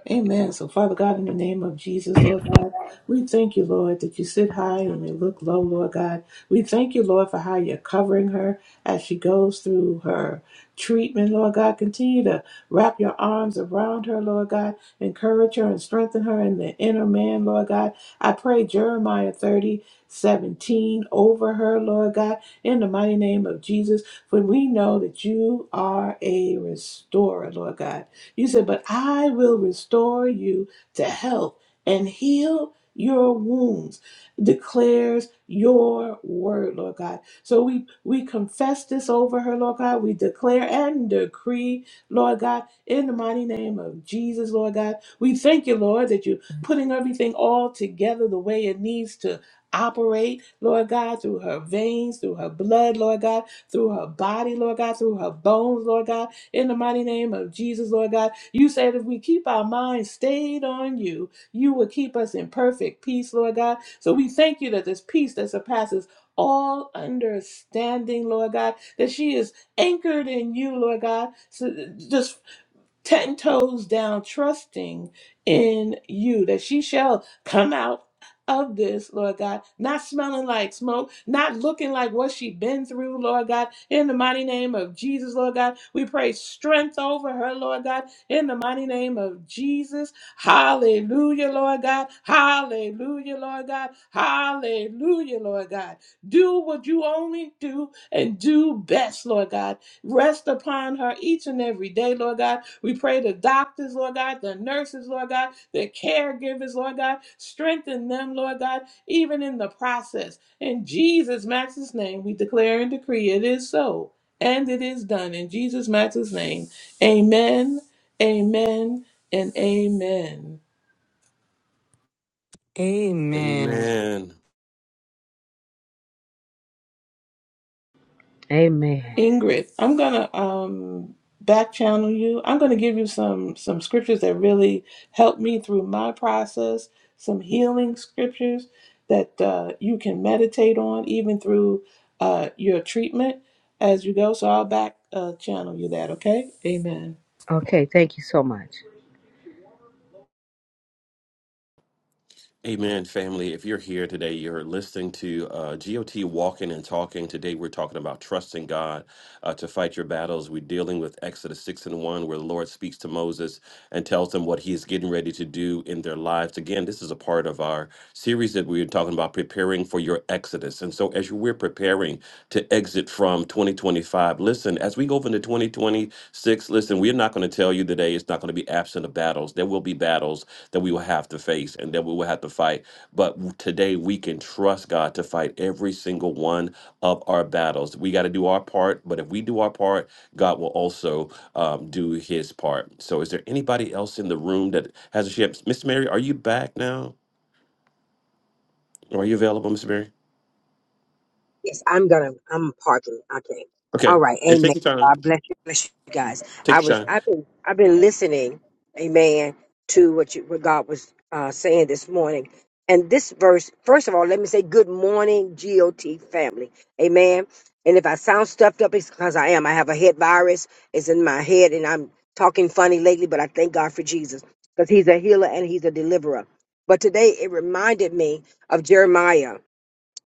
G: Amen. So, Father God, in the name of Jesus, Lord God, we thank you, Lord, that you sit high and you look low, Lord God. We thank you, Lord, for how you're covering her as she goes through her treatment, Lord God. Continue to wrap your arms around her, Lord God. Encourage her and strengthen her in the inner man, Lord God. I pray Jeremiah 30 17 over her, Lord God, in the mighty name of Jesus. For we know that you are a restorer, Lord God. You said, But I will restore you to health and heal your wounds, declares your word, Lord God. So we, we confess this over her, Lord God. We declare and decree, Lord God, in the mighty name of Jesus, Lord God. We thank you, Lord, that you're putting everything all together the way it needs to operate, Lord God, through her veins, through her blood, Lord God, through her body, Lord God, through her bones, Lord God in the mighty name of Jesus, Lord God. You said if we keep our minds stayed on you, you will keep us in perfect peace, Lord God. So we thank you that this peace that surpasses all understanding, Lord God, that she is anchored in you, Lord God, so just ten toes down, trusting in you that she shall come out of this, Lord God, not smelling like smoke, not looking like what she been through, Lord God, in the mighty name of Jesus, Lord God. We pray strength over her, Lord God, in the mighty name of Jesus. Hallelujah, Lord God. Hallelujah, Lord God. Hallelujah, Lord God. Do what you only do and do best, Lord God. Rest upon her each and every day, Lord God we pray the doctors, Lord God, the nurses, Lord God, the caregivers, Lord God. Strengthen them, Lord God, even in the process. In Jesus' Master's name, we declare and decree it is so, and it is done. In Jesus' Master's name, amen, amen, and amen.
H: amen.
D: Amen.
K: Amen.
G: Ingrid, I'm gonna um back channel you. I'm gonna give you some some scriptures that really helped me through my process, some healing scriptures that uh, you can meditate on even through uh, your treatment as you go. So I'll back uh, channel you that, okay? Amen.
K: Okay. Thank you so much.
D: Amen, family. If you're here today, you're listening to uh, GOT Walking and Talking. Today, we're talking about trusting God uh, to fight your battles. We're dealing with Exodus 6 and 1, where the Lord speaks to Moses and tells them what he is getting ready to do in their lives. Again, this is a part of our series that we're talking about preparing for your Exodus. And so, as you- we're preparing to exit from 2025, listen, as we go into 2026, listen, we're not going to tell you today it's not going to be absent of battles. There will be battles that we will have to face and that we will have to fight. But w- today we can trust God to fight every single one of our battles. We got to do our part, but if we do our part, God will also um, do his part. So is there anybody else in the room that has a ship? Miss Mary, are you back now? Or are you available, Miss Mary?
I: Yes, I'm gonna. I'm parking. Okay. All
D: Okay.
I: right.
D: Yeah, Take
I: Amen.
D: your time.
I: God bless you. Bless you guys. I
D: Take your time.
I: was. I've been. I've been listening. Amen. To what you, what God was uh, saying this morning. And this verse. First of all, let me say good morning, GOT family. Amen. And if I sound stuffed up, it's because I am. I have a head virus. It's in my head, and I'm talking funny lately. But I thank God for Jesus because He's a healer and He's a deliverer. But today it reminded me of Jeremiah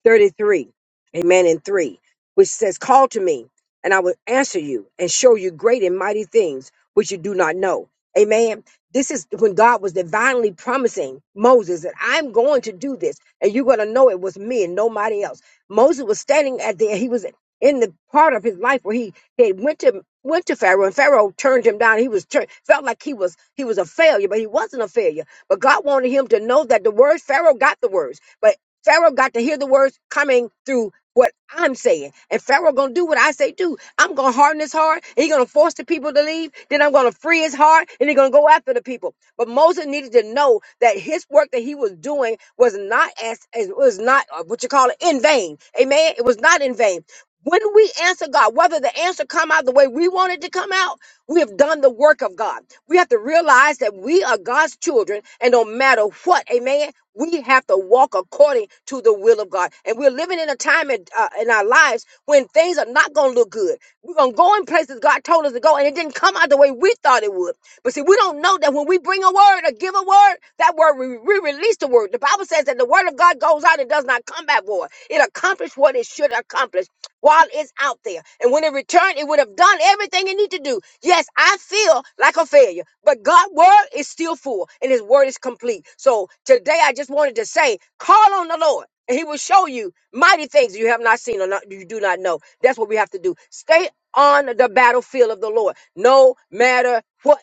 I: 33, amen, and 3, which says, Call to me, and I will answer you and show you great and mighty things which you do not know. Amen. This is when God was divinely promising Moses that I'm going to do this, and you're going to know it was me and nobody else. Moses was standing at the, he was in the part of his life where he, he had went to went to Pharaoh and Pharaoh turned him down. He was tur- felt like he was he was a failure, but he wasn't a failure. But God wanted him to know that the words Pharaoh got the words, but Pharaoh got to hear the words coming through what I'm saying. And Pharaoh gonna do what I say do. I'm gonna harden his heart, and he's gonna force the people to leave, then I'm gonna free his heart, and he's gonna go after the people. But Moses needed to know that his work that he was doing was not as as- was not uh, what you call it in vain. Amen. It was not in vain. When we answer God, whether the answer come out the way we want it to come out, we have done the work of God. We have to realize that we are God's children, and no matter what, amen. We have to walk according to the will of God. And we're living in a time in, uh, in our lives when things are not going to look good. We're going to go in places God told us to go, and it didn't come out the way we thought it would. But see, we don't know that when we bring a word or give a word, that word, we, we release the word. The Bible says that the word of God goes out and does not come back void. It accomplished what it should accomplish while it's out there. And when it returned, it would have done everything it needed to do. Yes, I feel like a failure, but God's word is still full and his word is complete. So today I just wanted to say, call on the Lord. And he will show you mighty things you have not seen or not, you do not know. That's what we have to do. Stay on the battlefield of the Lord, no matter what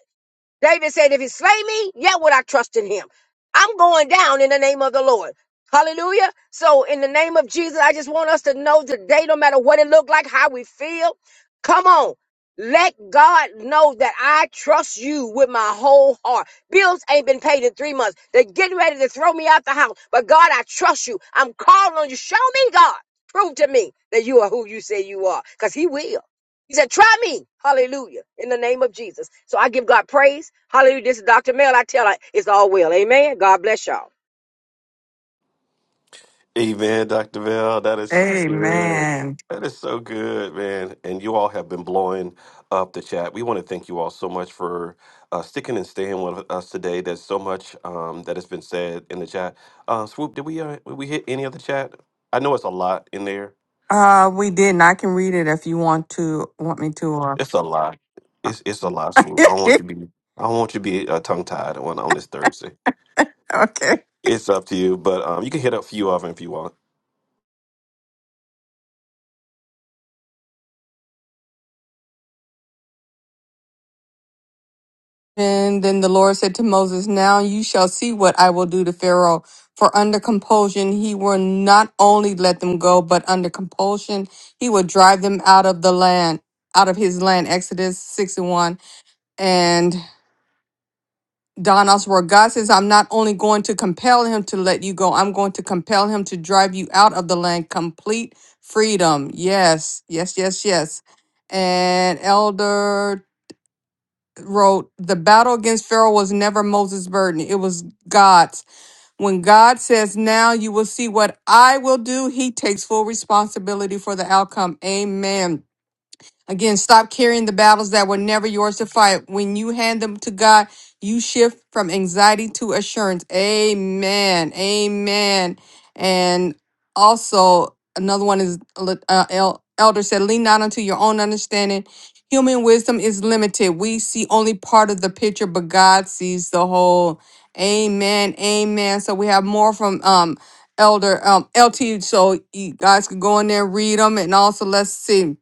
I: David said, If he slay me, yet would I trust in him. I'm going down in the name of the Lord. Hallelujah. So, in the name of Jesus, I just want us to know today, no matter what it looked like, how we feel, come on. Let God know that I trust you with my whole heart. Bills ain't been paid in three months. They're getting ready to throw me out the house. But God, I trust you. I'm calling on you. Show me, God. Prove to me that you are who you say you are. Because He will. He said, try me. Hallelujah. In the name of Jesus. So I give God praise. Hallelujah. This is Dr. Mel. I tell her it's all well. Amen. God bless y'all.
D: Amen, Dr. Bell. That is so good.
H: Amen.
D: That is so good, man. And you all have been blowing up the chat. We want to thank you all so much for uh, sticking and staying with us today. There's so much um, that has been said in the chat. Uh, Swoop, did we uh, did we hit any of the chat? I know it's a lot in there.
H: Uh, we didn't. I can read it if you want to want me to. Or
D: It's a lot. It's it's a lot, Swoop. I don't want
H: okay.
D: you to be I don't want you to be uh, tongue tied on on this Thursday. It's up to you, but um, you can hit a few of them if you want.
H: And then the Lord said to Moses, "Now you shall see what I will do to Pharaoh. For under compulsion he will not only let them go, but under compulsion he will drive them out of the land, out of his land." Exodus six and one. Don Oswald, God says, I'm not only going to compel him to let you go, I'm going to compel him to drive you out of the land. Complete freedom. Yes, yes, yes, yes. And Elder wrote, The battle against Pharaoh was never Moses' burden, it was God's. When God says, Now you will see what I will do, he takes full responsibility for the outcome. Amen. Again, stop carrying the battles that were never yours to fight. When you hand them to God, you shift from anxiety to assurance. Amen. Amen. And also, another one is uh, El- Elder said, lean not unto your own understanding. Human wisdom is limited. We see only part of the picture, but God sees the whole. Amen. Amen. So we have more from um Elder um LT. So you guys can go in there and read them. And also, let's see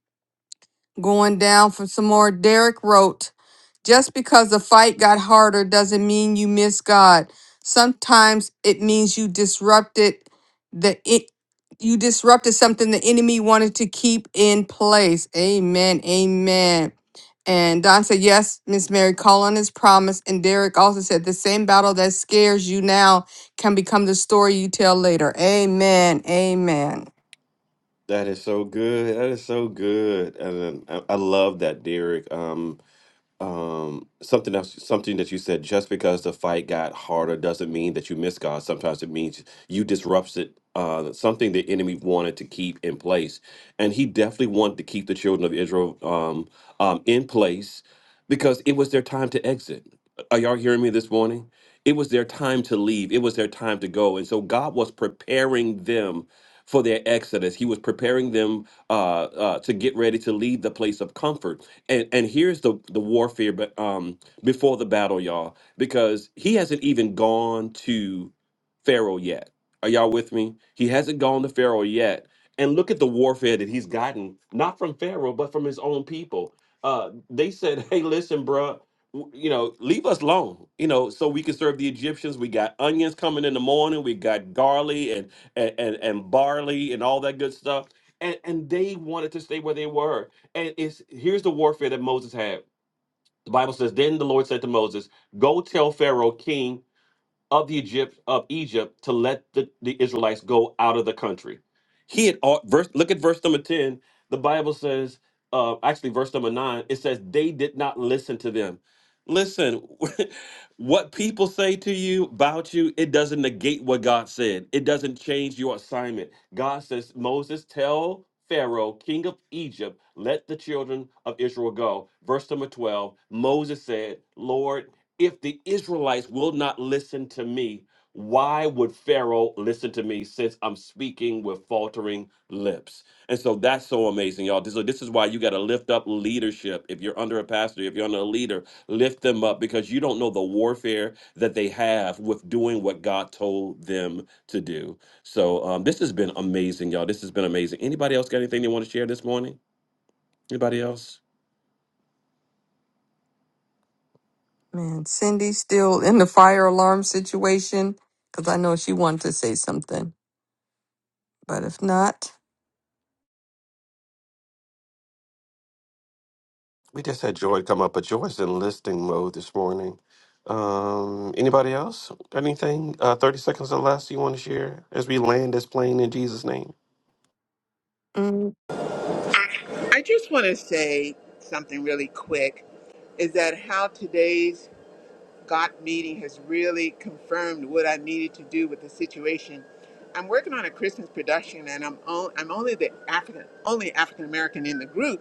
H: going down for some more. Derek wrote, Just because the fight got harder doesn't mean you miss God. Sometimes it means you disrupted the it you disrupted something the enemy wanted to keep in place. Amen. Amen. And Don said, Yes, Miss Mary, call on his promise. And Derek also said, The same battle that scares you now can become the story you tell later. Amen. Amen.
D: That is so good. That is so good. And then I I love that, Derek. Um, um something else something that you said just because the fight got harder doesn't mean that you miss god sometimes it means you disrupted uh something the enemy wanted to keep in place and he definitely wanted to keep the children of israel um um in place because it was their time to exit are y'all hearing me this morning it was their time to leave it was their time to go and so god was preparing them for their exodus he was preparing them uh, uh, to get ready to leave the place of comfort and and here's the the warfare, but um before the battle, y'all, because he hasn't even gone to Pharaoh yet. Are y'all with me? He hasn't gone to Pharaoh yet. And look at the warfare that he's gotten, not from Pharaoh, but from his own people. Uh, they said, "Hey, listen, bruh, w- you know, leave us alone, you know, so we can serve the Egyptians. We got onions coming in the morning. We got garlic and and and, and barley and all that good stuff." And and they wanted to stay where they were and it's here's the warfare that Moses had. The Bible says, Then the Lord said to Moses, Go tell Pharaoh, king of the Egypt of Egypt to let the, the Israelites go out of the country. He had al- verse. Look at verse number ten. The Bible says, uh, actually, verse number nine. It says they did not listen to them. Listen, what people say to you about you, it doesn't negate what God said. It doesn't change your assignment. God says, Moses, tell Pharaoh, king of Egypt, let the children of Israel go. Verse number 12, Moses said, Lord, if the Israelites will not listen to me, why would Pharaoh listen to me since I'm speaking with faltering lips? And so that's so amazing, y'all. So this is why you got to lift up leadership. If you're under a pastor, if you're under a leader, lift them up because you don't know the warfare that they have with doing what God told them to do. So um, this has been amazing, y'all. This has been amazing. Anybody else got anything they want to share this morning? Anybody else?
H: Man, Cindy's still in the fire alarm situation because I know she wanted to say something, but if not,
D: We just had Joy come up, but Joy's in listing mode this morning. Um, anybody else? Got Anything? Uh, 30 seconds or less you want to share as we land this plane in Jesus' name?
H: mm,
J: I just want to say something really quick is that how today's God meeting has really confirmed what I needed to do with the situation. I'm working on a Christmas production, and I'm on, I'm only the African only African American in the group,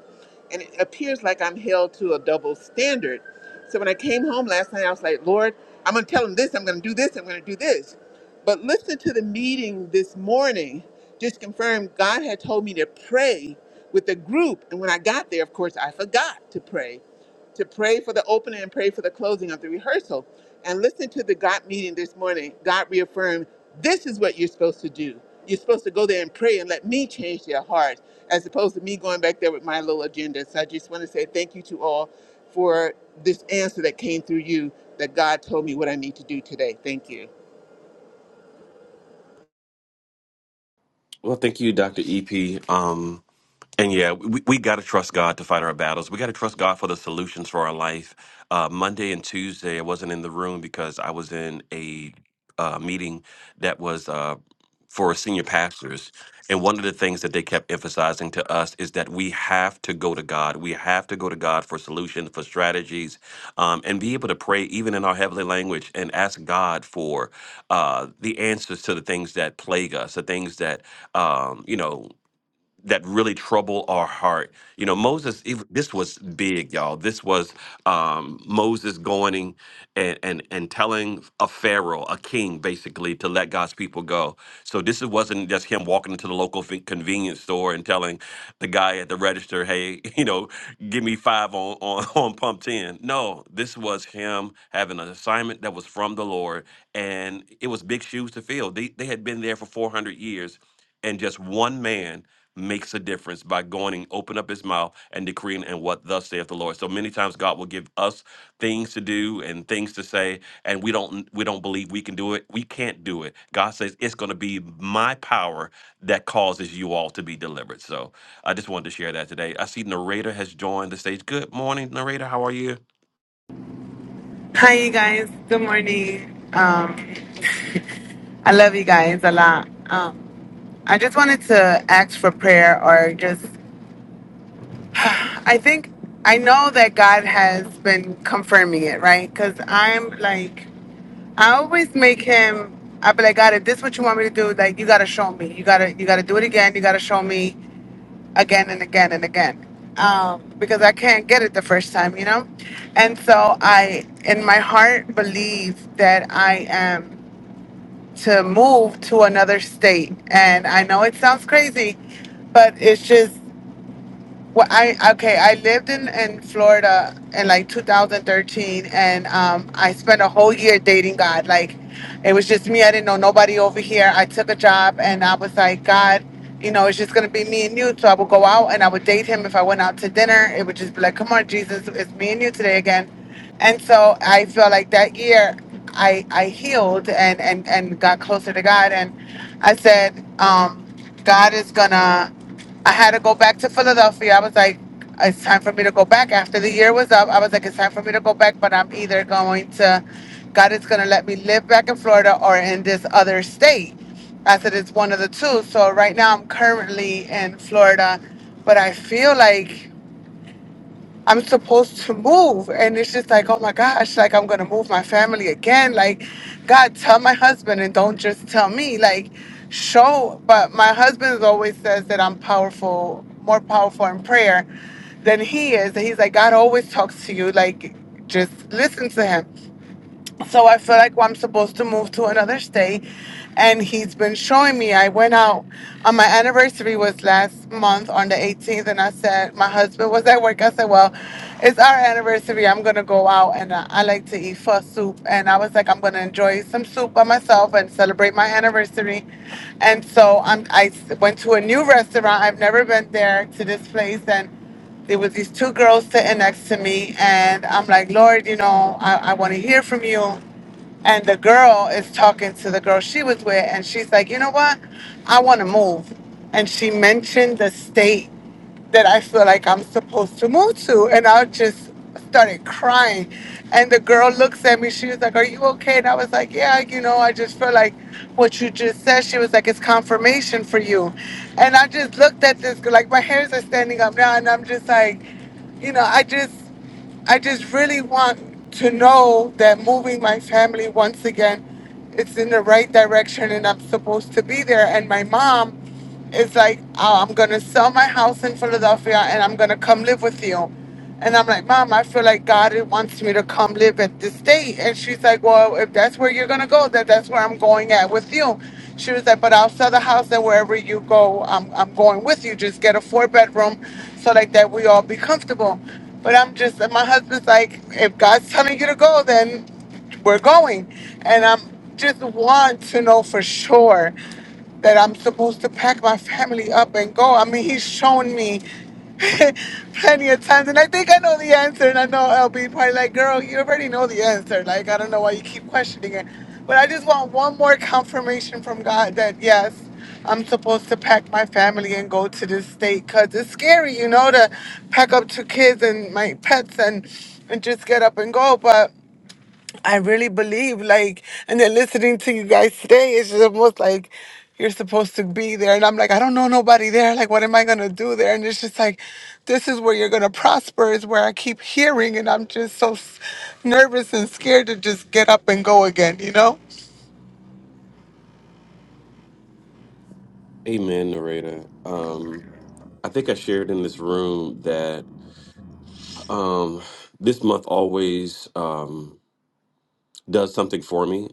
J: and it appears like I'm held to a double standard. So when I came home last night, I was like, Lord, I'm going to tell them this. I'm going to do this. I'm going to do this. But listen to the meeting this morning. Just confirmed God had told me to pray with the group. And when I got there, of course, I forgot to pray, to pray for the opening and pray for the closing of the rehearsal. And listen to the God meeting this morning. God reaffirmed, this is what you're supposed to do. You're supposed to go there and pray and let me change their hearts, as opposed to me going back there with my little agenda. So I just want to say thank you to all for this answer that came through you that God told me what I need to do today. Thank you.
D: Well, thank you, Dr. EP. Um, And yeah, we, we got to trust God to fight our battles. We got to trust God for the solutions for our life. Uh, Monday and Tuesday, I wasn't in the room because I was in a uh, meeting that was uh, for senior pastors. And one of the things that they kept emphasizing to us is that we have to go to God. We have to go to God for solutions, for strategies, um, and be able to pray even in our heavenly language and ask God for uh, the answers to the things that plague us, the things that um, you know that really trouble our heart. You know, Moses, it, this was big, y'all. This was um, Moses going in and, and, and telling a pharaoh, a king, basically, to let God's people go. So this wasn't just him walking into the local fi- convenience store and telling the guy at the register, hey, you know, give me five on, on, on pump 10. No, this was him having an assignment that was from the Lord, and it was big shoes to fill. They, they had been there for 400 years and just one man makes a difference by going and open up his mouth and decreeing and what thus saith the Lord. So many times God will give us things to do and things to say and we don't we don't believe we can do it. We can't do it. God says it's going to be my power that causes you all to be delivered. So I just wanted to share that today. I see narrator has joined the stage. Good morning narrator. How are you?
L: Hi, you guys. Good morning. Um, I love you guys a lot. Um, I just wanted to ask for prayer, or just, I think, I know that God has been confirming it, right? Because I'm like, I always make Him. I be like, God, if this is what you want me to do, like, you gotta show me. You gotta, you gotta do it again. You gotta show me again and again and again. Um, because I can't get it the first time, you know. And so I, in my heart, believe that I am. to move to another state. And I know it sounds crazy, but it's just well, I okay. I lived in in Florida in like 2013, and um, I spent a whole year dating God. Like, it was just me. I didn't know nobody over here. I took a job, and I was like, God, you know, it's just gonna be me and you. So I would go out and I would date him. If I went out to dinner, it would just be like, Come on, Jesus, it's me and you today again. And so I feel like that year, I I healed and and and got closer to God, and I said, um, God is gonna. I had to go back to Philadelphia. I was like, it's time for me to go back. After the year was up, I was like, it's time for me to go back, but I'm either going to, God is going to let me live back in Florida or in this other state. I said, it's one of the two. So right now I'm currently in Florida, but I feel like I'm supposed to move. And it's just like, oh my gosh, like I'm gonna move my family again. Like, God, tell my husband and don't just tell me. Like, show. But my husband always says that I'm powerful, more powerful in prayer than he is. And he's like, God always talks to you. Like, just listen to him. So I feel like I'm supposed to move to another state. And he's been showing me. I went out on my anniversary was last month on the 18th. And I said, my husband was at work. I said, well, it's our anniversary. I'm going to go out and uh, I like to eat pho soup. And I was like, I'm going to enjoy some soup by myself and celebrate my anniversary. And so I'm, I s- went to a new restaurant. I've never been there to this place. And there was these two girls sitting next to me and i'm like lord you know i, I want to hear from you and the girl is talking to the girl she was with and she's like you know what i want to move and she mentioned the state that I feel like I'm supposed to move to. And I just started crying. And the girl looks at me. She was like, Are you okay? And I was like, Yeah, you know, I just feel like what you just said. She was like, It's confirmation for you. And I just looked at this, girl, like, my hairs are standing up now. And I'm just like, You know, I just, I just really want to know that moving my family once again, it's in the right direction and I'm supposed to be there. And my mom, it's like, oh, I'm gonna sell my house in Philadelphia and I'm gonna come live with you. And I'm like, Mom, I feel like God wants me to come live at this state. And she's like, Well, if that's where you're gonna go, then that's where I'm going at with you. She was like, But I'll sell the house and wherever you go, I'm I'm going with you. Just get a four bedroom so like that we all be comfortable. But I'm just and my husband's like, if God's telling you to go, then we're going. And I'm just want to know for sure that I'm supposed to pack my family up and go. I mean, he's shown me plenty of times, and I think I know the answer. And I know he'll be probably like, girl, you already know the answer. Like, I don't know why you keep questioning it. But I just want one more confirmation from God that yes, I'm supposed to pack my family and go to this state because it's scary, you know, to pack up two kids and my pets and and just get up and go. But I really believe, like, and then listening to you guys today, it's just almost like you're supposed to be there. And I'm like, I don't know nobody there. Like, what am I going to do there? And it's just like, this is where you're going to prosper, is where I keep hearing. And I'm just so s- nervous and scared to just get up and go again, you know?
D: Amen, narrator. Um, I think I shared in this room that um, this month always. Um, does something for me.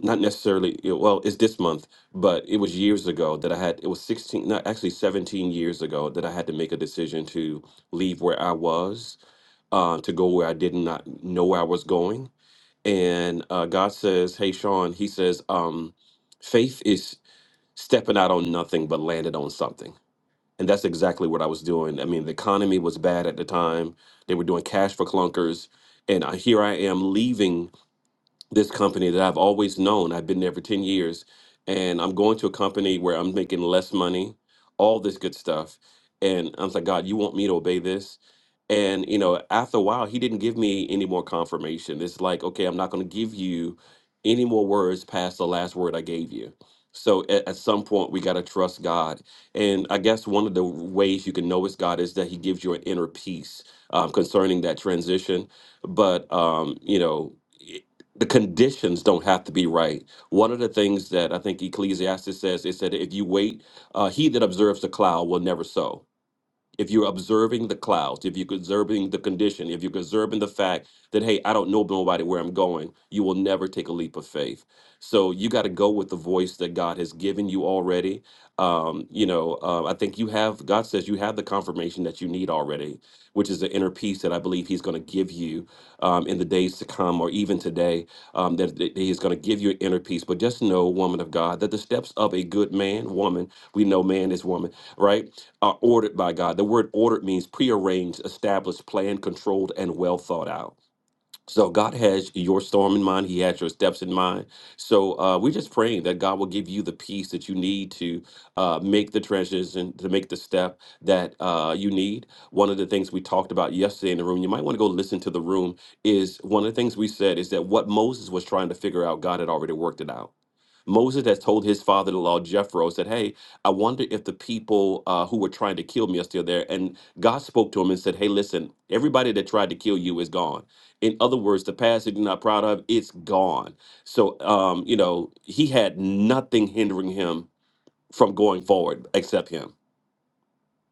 D: Not necessarily, you know, well, it's this month, but it was years ago that I had, it was 16, not actually 17 years ago that I had to make a decision to leave where I was, uh, to go where I did not know where I was going. And uh, God says, Hey, Sean, He says, um, faith is stepping out on nothing, but landed on something. And that's exactly what I was doing. I mean, the economy was bad at the time, they were doing cash for clunkers. And I, here I am leaving this company that I've always known. I've been there for 10 years and I'm going to a company where I'm making less money, all this good stuff. And I was like, God, you want me to obey this? And, you know, after a while, he didn't give me any more confirmation. It's like, okay, I'm not going to give you any more words past the last word I gave you. So at, at some point, we got to trust God. And I guess one of the ways you can know it's God is that he gives you an inner peace um, concerning that transition. But, um, you know, the conditions don't have to be right. One of the things that I think Ecclesiastes says is that if you wait, uh, he that observes the cloud will never sow if you're observing the clouds, if you're observing the condition, if you're observing the fact that, hey, I don't know nobody where I'm going, you will never take a leap of faith. So you got to go with the voice that God has given you already. Um, you know, uh, I think you have, God says you have the confirmation that you need already, which is the inner peace that I believe He's going to give you um, in the days to come or even today, um, that, that He's going to give you an inner peace. But just know, woman of God, that the steps of a good man, woman, we know man is woman right, are ordered by God. The word ordered means prearranged, established, planned, controlled, and well thought out. So God has your storm in mind. He has your steps in mind. So uh, we're just praying that God will give you the peace that you need to uh, make the transition, to make the step that uh, you need. One of the things we talked about yesterday in the room, you might want to go listen to the room, is one of the things we said is that what Moses was trying to figure out, God had already worked it out. Moses has told his father-in-law Jethro, said, "Hey, I wonder if the people uh, who were trying to kill me are still there." And God spoke to him and said, "Hey, listen, everybody that tried to kill you is gone. In other words, the past that you're not proud of, it's gone." So, um, you know, he had nothing hindering him from going forward except him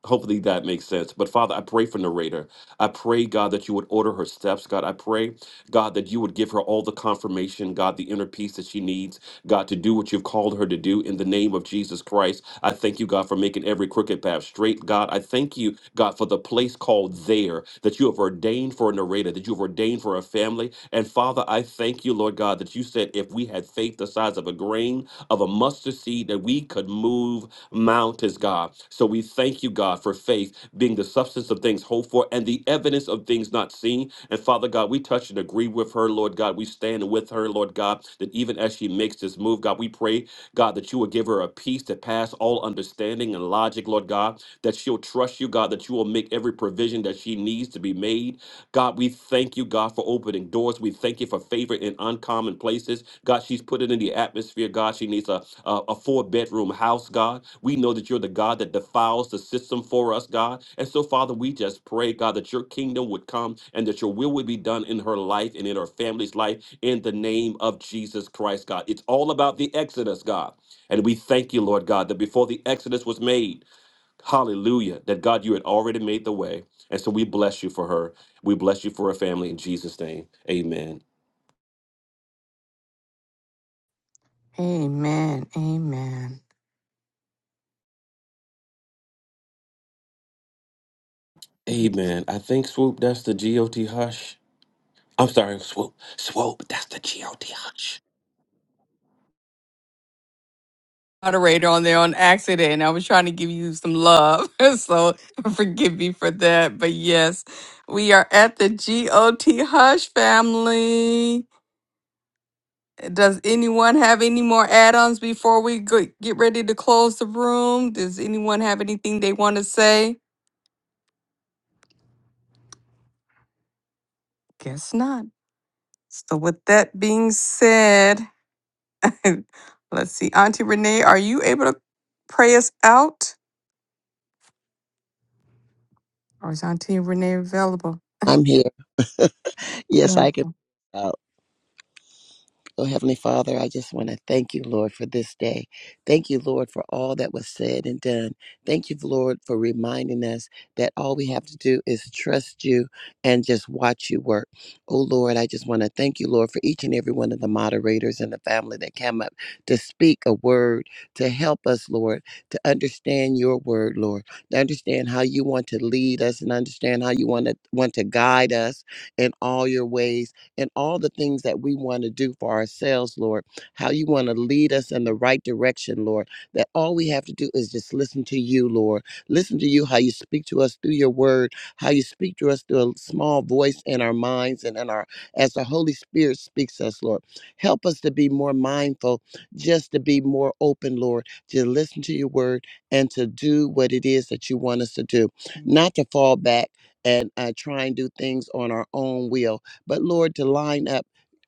D: hopefully that makes sense. But Father, I pray for narrator. I pray, God, that you would order her steps. God, I pray, God, that you would give her all the confirmation, God, the inner peace that she needs, God, to do what you've called her to do in the name of Jesus Christ. I thank you, God, for making every crooked path straight. God, I thank you, God, for the place called there that you have ordained for a narrator, that you have ordained for a family. And Father, I thank you, Lord God, that you said if we had faith the size of a grain, grain of a mustard seed that we could move mountains, God. So we thank you, God, for faith being the substance of things hoped for and the evidence of things not seen. And Father God, we touch and agree with her, Lord God. We stand with her, Lord God, that even as she makes this move, God, we pray, God, that you will give her a peace that pass all understanding and logic, Lord God, that she'll trust you, God, that you will make every provision that she needs to be made God, we thank you, God, for opening doors. We thank you for favor in uncommon places. God, she's put it in the atmosphere. God, she needs a, a, a four bedroom house, God. We know that you're the God that defiles the system for us, God. And so, Father, we just pray, God, that your kingdom would come and that your will would be done in her life and in her family's life in the name of Jesus Christ, God. It's all about the Exodus, God. And we thank you, Lord God, that before the Exodus was made, Hallelujah. That God, you had already made the way. And so we bless you for her. We bless you for her family in Jesus' name. Amen.
H: amen, amen.
D: Amen. I think, Swoop, that's the GOT hush. I'm sorry, Swoop. Swoop, that's the GOT hush.
H: Moderator on there on accident. I was trying to give you some love, so forgive me for that. But yes, we are at the GOT Hush family. Does anyone have any more add ons before we go- get ready to close the room? Does anyone have anything they want to say? Guess not. So with that being said, let's see. Auntie Renee, are you able to pray us out? Or is Auntie Renee available?
B: I'm here. Yes,
H: No.
B: I can. Oh, Heavenly Father, I just want to thank you, Lord, for this day. Thank you, Lord, for all that was said and done. Thank you, Lord, for reminding us that all we have to do is trust you and just watch you work. Oh, Lord, I just want to thank you, Lord, for each and every one of the moderators and the family that came up to speak a word to help us, Lord, to understand your word, Lord, to understand how you want to lead us and understand how you want to want to guide us in all your ways and all the things that we want to do for ourselves, Lord, how you want to lead us in the right direction, Lord, that all we have to do is just listen to you, Lord. Listen to you, how you speak to us through your word, how you speak to us through a small voice in our minds and in our, as the Holy Spirit speaks to us, Lord. Help us to be more mindful, just to be more open, Lord, to listen to your word and to do what it is that you want us to do, not to fall back and uh, try and do things on our own will but Lord, to line up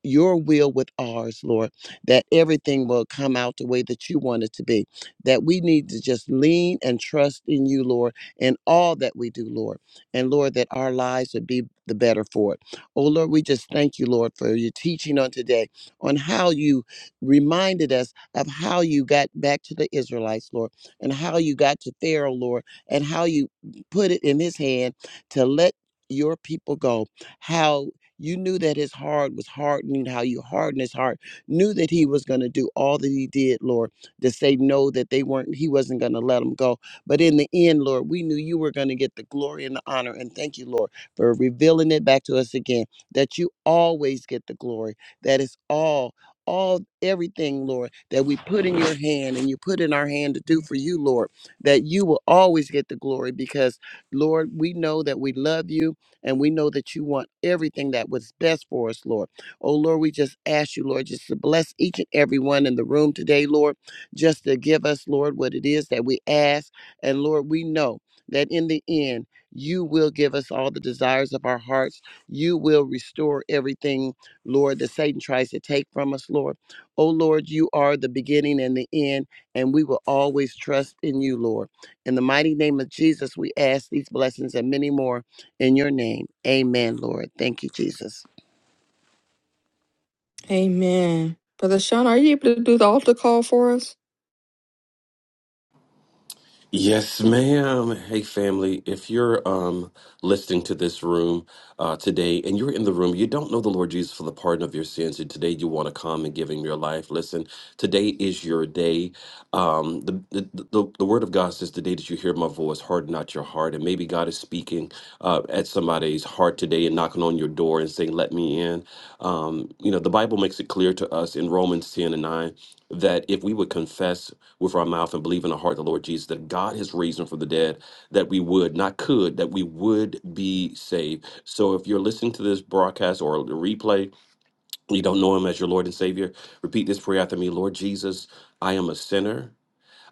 B: your will with ours, Lord, that everything will come out the way that you want it to be. That we need to just lean and trust in you, Lord, in all that we do, Lord. And Lord, that our lives would be the better for it. Oh Lord, we just thank you, Lord, for your teaching on today, on how you reminded us of how you got back to the Israelites, Lord, and how you got to Pharaoh, Lord, and how you put it in his hand to let your people go. How you knew that his heart was hardening, how you hardened his heart, knew that he was going to do all that he did, Lord, to say no, that they weren't, he wasn't going to let them go. But in the end, Lord, we knew you were going to get the glory and the honor. And thank you, Lord, for revealing it back to us again, that you always get the glory. That is all, all, everything, Lord, that we put in your hand and you put in our hand to do for you, Lord, that you will always get the glory because, Lord, we know that we love you and we know that you want everything that was best for us, Lord. Oh, Lord, we just ask you, Lord, just to bless each and every one in the room today, Lord, just to give us, Lord, what it is that we ask. And Lord, we know that in the end, you will give us all the desires of our hearts. You will restore everything, Lord, that Satan tries to take from us, Lord. Oh, Lord, you are the beginning and the end, and we will always trust in you, Lord. In the mighty name of Jesus, we ask these blessings and many more. In your name. Amen, Lord. Thank you, Jesus.
H: Amen. Brother Sean, are you able to do the altar call for us?
D: Yes, ma'am. Hey, family. If you're um, listening to this room uh, today and you're in the room, you don't know the Lord Jesus for the pardon of your sins, and today you want to come and give Him your life. Listen, today is your day. Um, the, the, the, the Word of God says, The day that you hear my voice, harden not your heart. And maybe God is speaking uh, at somebody's heart today and knocking on your door and saying, Let me in. Um, you know, the Bible makes it clear to us in Romans 10 and 9 that if we would confess, with our mouth and believe in our heart the Lord Jesus that God has raised him from the dead, that we would, not could, that we would be saved. So if you're listening to this broadcast or the replay, you don't know him as your Lord and Savior, repeat this prayer after me Lord Jesus, I am a sinner.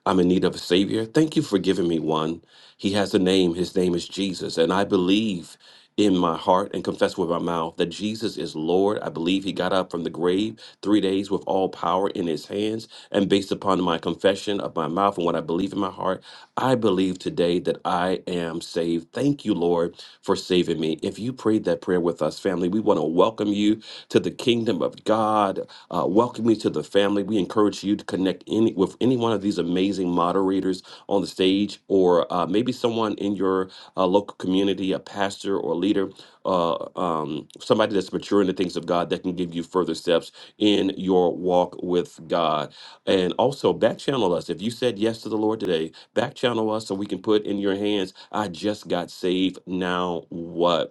D: I'm in need of a Savior. Thank you for giving me one. He has a name. His name is Jesus. And I believe in my heart and confess with my mouth that Jesus is Lord. I believe He got up from the grave three days with all power in His hands. And based upon my confession of my mouth and what I believe in my heart, I believe today that I am saved. Thank you, Lord, for saving me. If you prayed that prayer with us, family, we want to welcome you to the kingdom of God. Uh, welcome you to the family. We encourage you to connect any with any one of these amazing moderators on the stage, or uh, maybe someone in your uh, local community, a pastor or leader, uh, um, somebody that's mature in the things of God that can give you further steps in your walk with God. And also back channel us. If you said yes to the Lord today, back channel us so we can put in your hands, I just got saved. Now what?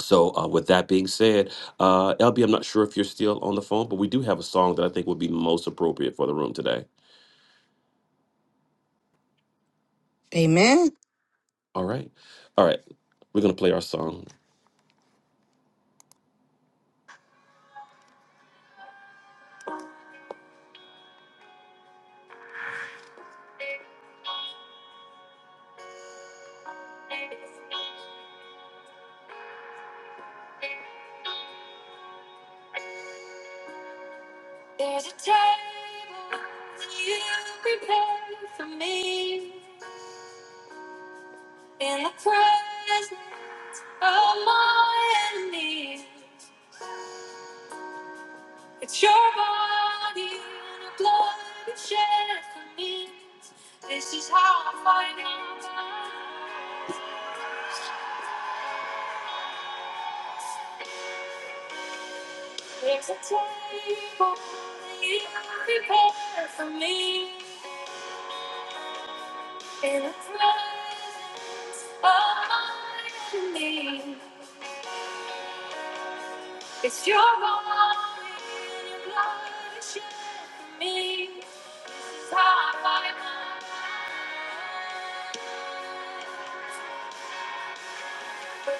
D: So, uh, with that being said, uh, LB, I'm not sure if you're still on the phone, but we do have a song that I think would be most appropriate for the room today.
H: Amen.
D: All right. All right. We're going to play our song. There's a table you prepared for me in the presence of my enemies. It's your body and the blood it shed for me. This is how I find out. There's a table that you prepare for me in the presence of my enemy. It's your body and the blood it shed for me. This is how I find out. This is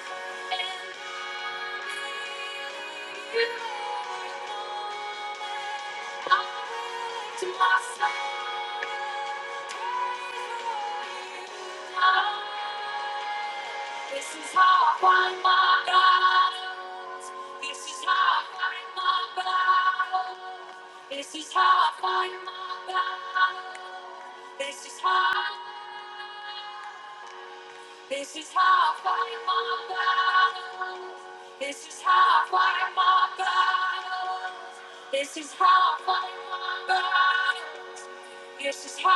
D: how I find my battles. This is how I find my battles. This is how I find my battles. This is how. This is how I fight my battles. This is how I fight my battles. This is how I fight my battles. This is how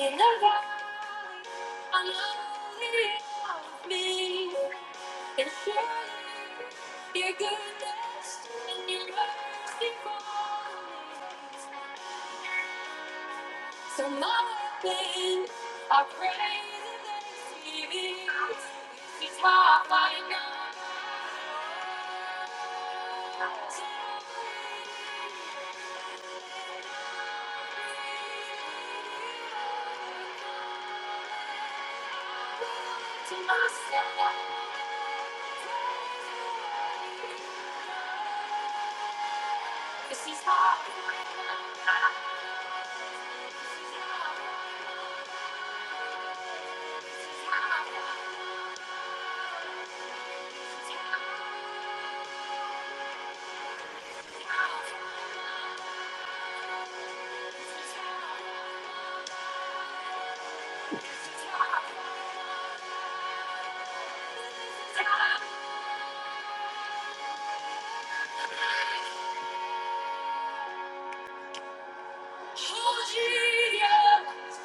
D: in the valley. I know that you love me. And surely your goodness and your mercy follow me. So my pain, I pray that they see me. It's my final to myself. This is my final. Oh, Jesus.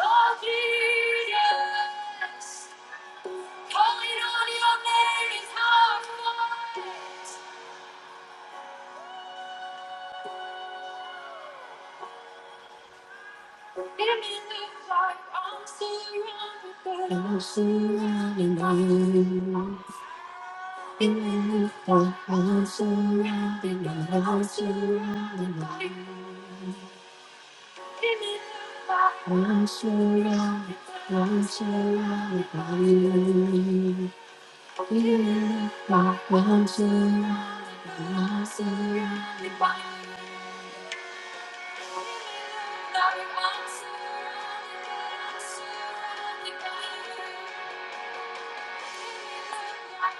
D: Oh, Jesus. Calling on your name is powerful. It may look like I'm surrounded, but I'm surrounded by you. It may look like I'm surrounded, but I'm surrounded by you. I'm so loved, I'm so loved by you. Yeah, I'm so loved, I'm so loved by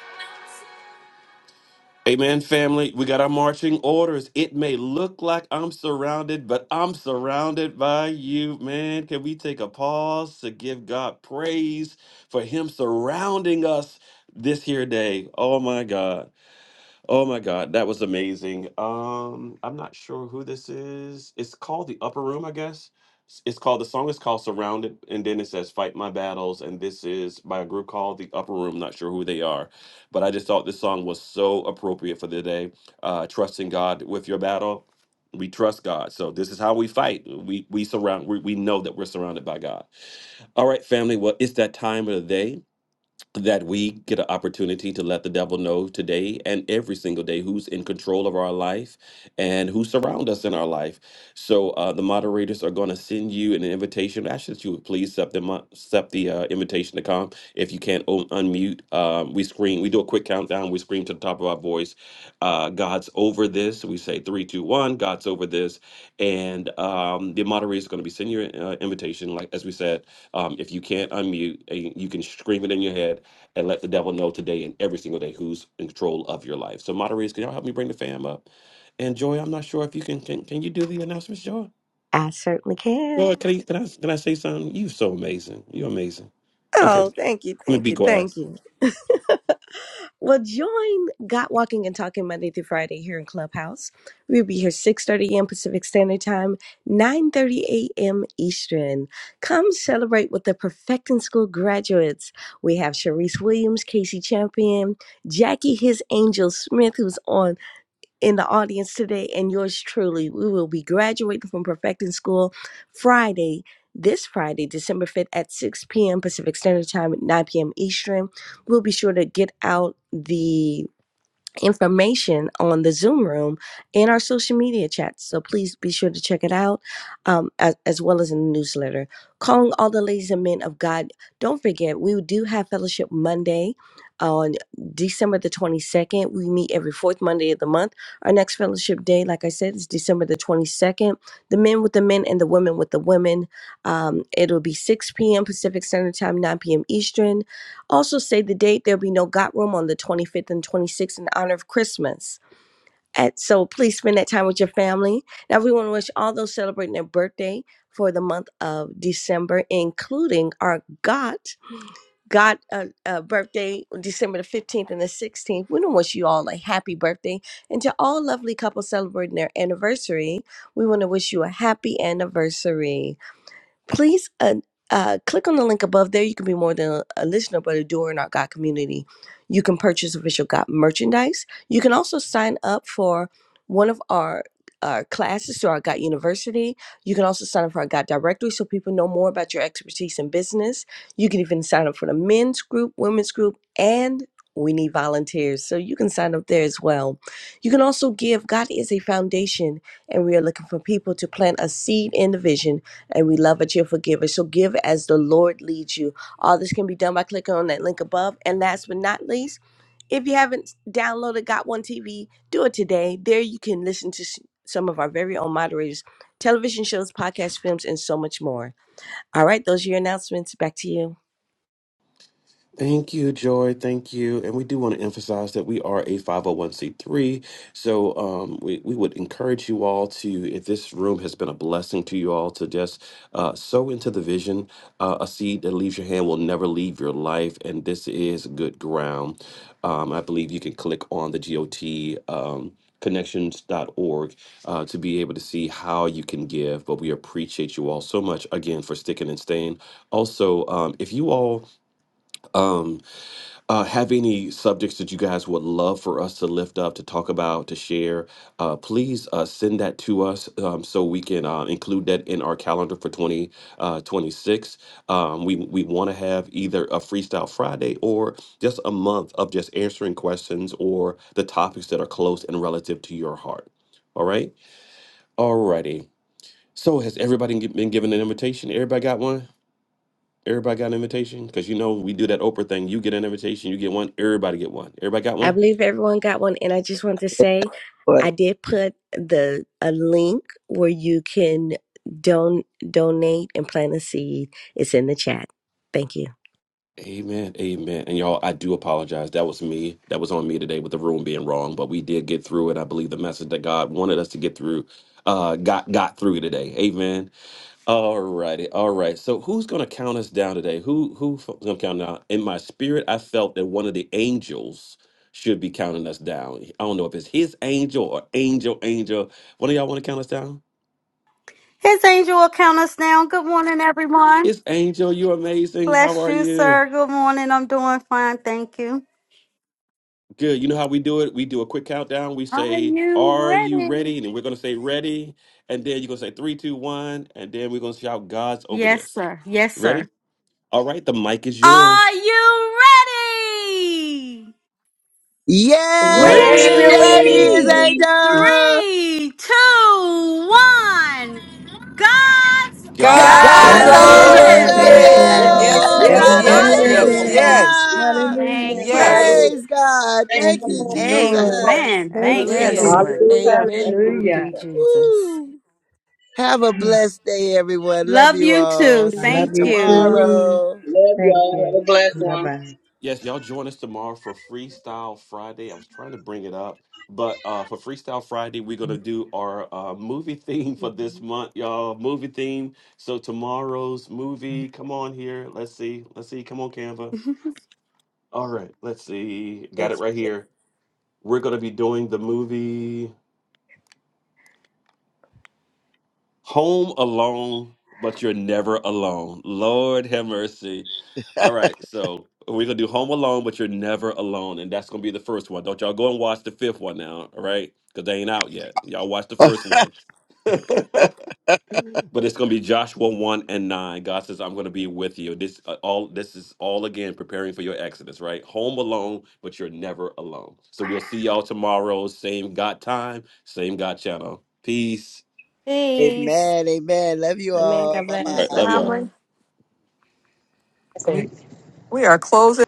D: you. Amen, family. We got our marching orders. It may look like I'm surrounded, but I'm surrounded by you, man. Can we take a pause to give God praise for Him surrounding us this here day? Oh, my God. Oh my God, that was amazing. Um, I'm not sure who this is. It's called The Upper Room, I guess. S- It's called the song is called Surrounded, and then it says Fight My Battles, and this is by a group called The Upper Room. Not sure who they are, but I just thought this song was so appropriate for the day. Uh, trusting God with your battle. We trust God. So this is how we fight. We we surround we, we know that we're surrounded by God. All right, family. Well, it's that time of the day that we get an opportunity to let the devil know today and every single day who's in control of our life and who surround us in our life. So uh, the moderators are going to send you an invitation. I ask that you would please accept, them, uh, accept the uh, invitation to come. If you can't un- unmute, um, we scream. We do a quick countdown. We scream to the top of our voice. Uh, God's over this. We say three, two, one. God's over this. And um, the moderator is going to be sending you an uh, invitation. Like as we said, um, if you can't unmute, uh, you can scream it in your head and let the devil know today and every single day who's in control of your life. So, moderators, can y'all help me bring the fam up? And Joy, I'm not sure if you can can, can you do the announcements, Joy?
M: I certainly can.
D: Joy, can I, can I can I say something? You so amazing. You're amazing. Okay,
M: Oh, thank you,
D: let me
M: thank
D: be
M: you,
D: quiet.
M: thank you. Well, join Got Walking and Talking Monday through Friday here in Clubhouse. We'll be here 6.30 a.m. Pacific Standard Time, 9.30 a.m. Eastern. Come celebrate with the Perfecting School graduates. We have Sharice Williams, Casey Champion, Jackie His Angel Smith, who's on in the audience today and yours truly. We will be graduating from Perfecting School Friday, this Friday, December 5th at 6 p.m. Pacific Standard Time, 9 p.m. Eastern. We'll be sure to get out the information on the Zoom room and our social media chats. So please be sure to check it out, um, as, as well as in the newsletter. Calling all the ladies and men of God. Don't forget, we do have fellowship Monday on December the 22nd. We meet every fourth Monday of the month. Our next fellowship day, like I said, is December the 22nd. The men with the men and the women with the women. Um, it'll be 6 p.m. Pacific Standard Time, 9 p.m. Eastern. Also, say the date. There'll be no Got Room on the 25th and 26th in honor of Christmas. At, so please spend that time with your family. Now, we want to wish all those celebrating their birthday for the month of December, including our God, God uh, uh, birthday, December the 15th and the 16th. We want to wish you all a happy birthday. And to all lovely couples celebrating their anniversary, we want to wish you a happy anniversary please uh, uh, click on the link above there. You can be more than a listener, but a doer in our God community. You can purchase official God merchandise. You can also sign up for one of our our classes through our God University. You can also sign up for our God directory so people know more about your expertise in business. You can even sign up for the men's group, women's group, and we need volunteers. So you can sign up there as well. You can also give. God is a foundation, and we are looking for people to plant a seed in the vision and we love that you're giver. So give as the Lord leads you. All this can be done by clicking on that link above. And last but not least, if you haven't downloaded Got One TV, do it today. There you can listen to s- some of our very own moderators, television shows, podcasts, films, and so much more. All right, those are your announcements. Back to you.
D: Thank you, Joy. Thank you. And we do want to emphasize that we are a 501c3. So um, we, we would encourage you all to, if this room has been a blessing to you all, to just uh, sow into the vision. Uh, a seed that leaves your hand will never leave your life. And this is good ground. Um, I believe you can click on the GOT. Um, connections.org uh, to be able to see how you can give but we appreciate you all so much again for sticking and staying also um, if you all um, uh, have any subjects that you guys would love for us to lift up, to talk about, to share, uh, please uh, send that to us um, so we can uh, include that in our calendar for 2026. um, we we want to have either a Freestyle Friday or just a month of just answering questions or the topics that are close and relative to your heart. All right? All righty. So, has everybody gi- been given an invitation? Everybody got one? Everybody got an invitation? Because you know we do that Oprah thing. You get an invitation, you get one, everybody get one. Everybody got
M: I
D: one?
M: believe everyone got one. And I just want to say,
B: Lord.
M: I did put the a link where you can don- donate and plant a seed. It's in the chat. Thank you.
D: Amen. Amen. And y'all, I do apologize. That was me. That was on me today with the room being wrong, but we did get through it. I believe the message that God wanted us to get through uh got got through today. Amen. All righty. All right. So who's gonna count us down today? Who who's gonna count down? In my spirit, I felt that one of the angels should be counting us down. I don't know if it's his angel or angel, angel. One of y'all want to count us down?
N: His angel will count us down. Good morning, everyone.
D: It's Angel. You're amazing. How
N: Bless
D: are
N: you,
D: you?
N: sir. Good morning. I'm doing fine. Thank you.
D: Good. You know how we do it? We do a quick countdown. We
N: Are
D: say,
N: you
D: Are you
N: ready?
D: ready? And then we're going to say, Ready. And then you're going to say, Three, two, one. And then we're going to shout God's over
N: Yes,
D: this.
N: sir. Yes, sir.
D: Ready? All right. The mic is
N: Are
D: yours.
N: you ready?
B: Yes,
I: Yes,
N: Ready.
B: we're
I: we're
B: ready,
O: God
D: Ready.
B: his
I: ready.
N: Three, two, one. God's
D: God's
O: is
B: God
H: God's
D: over
L: God's
N: over
I: God's
K: God
B: is
H: over
I: over
L: over
D: this.
O: over
N: this.
B: over
K: over
I: this.
H: this.
L: this.
M: this.
K: this.
H: Yes,
M: Woo,
B: this.
H: yes,
M: woo,
N: Woohoo.
K: God
M: woo,
O: it. Hallelujah.
D: Woo!
H: yes,
O: Thank
I: Thank
K: over
O: you,
I: you,
M: woo,
H: yes,
M: woo.
I: Lord.
N: Hallelujah.
K: this.
H: yes,
B: Hallelujah.
O: Thank
K: Hallelujah.
N: Thank
O: you.
I: God
M: Yes.
H: yes,
N: you.
B: Praise
I: is.
B: God.
O: Thank
B: Thank
K: Thank you,
B: you,
O: you.
K: Lord.
B: Jesus.
N: Amen.
K: Thank
N: Thank
K: you,
N: you,
H: yes.
M: Hallelujah.
N: Lord.
K: Jesus.
I: Hallelujah.
H: Amen.
I: Thank you,
N: Thank
K: Hallelujah.
N: you,
I: Jesus.
N: Jesus.
B: Woo. Have a
K: Hmm.
B: blessed day, everyone. Love
N: Love
B: you
N: you
B: all.
N: too.
K: I
B: See you
K: love
N: Thank
K: you
M: Love you
N: you.
M: all.
K: too.
B: tomorrow.
O: Love
K: Thank
O: y'all.
K: you.
O: Have a blessed
K: Bye
O: one.
K: bye.
D: Yes, y'all join us tomorrow for Freestyle Friday. I was trying to bring it up, but uh, for Freestyle Friday, we're going to do our uh, movie theme for this month, y'all. Movie theme. So tomorrow's movie, come on here. Let's see. Let's see. Come on, Canva. All right. Let's see. Got it
M: It's
D: right here. We're going to be doing the movie. Home alone, but you're never alone. Lord have mercy. All right, so we're gonna do Home Alone, but you're never alone, and that's gonna be the first one. Don't y'all go and watch the fifth one now, all right? Because they ain't out yet. Y'all watch the first one, but it's gonna be Joshua one and nine. God says, "I'm gonna be with you." This uh, all this is all again preparing for your exodus, right? Home alone, but you're never alone. So we'll see y'all tomorrow, same God time, same God channel. Peace.
N: Peace.
B: Amen. Amen. Love you
M: Amen.
B: all.
M: God
B: Bye
D: All
M: bless.
D: right,
B: bye.
M: Love
D: love
M: you
D: y'all.
M: all.
H: Family.
I: Thank you.
H: We we are closing.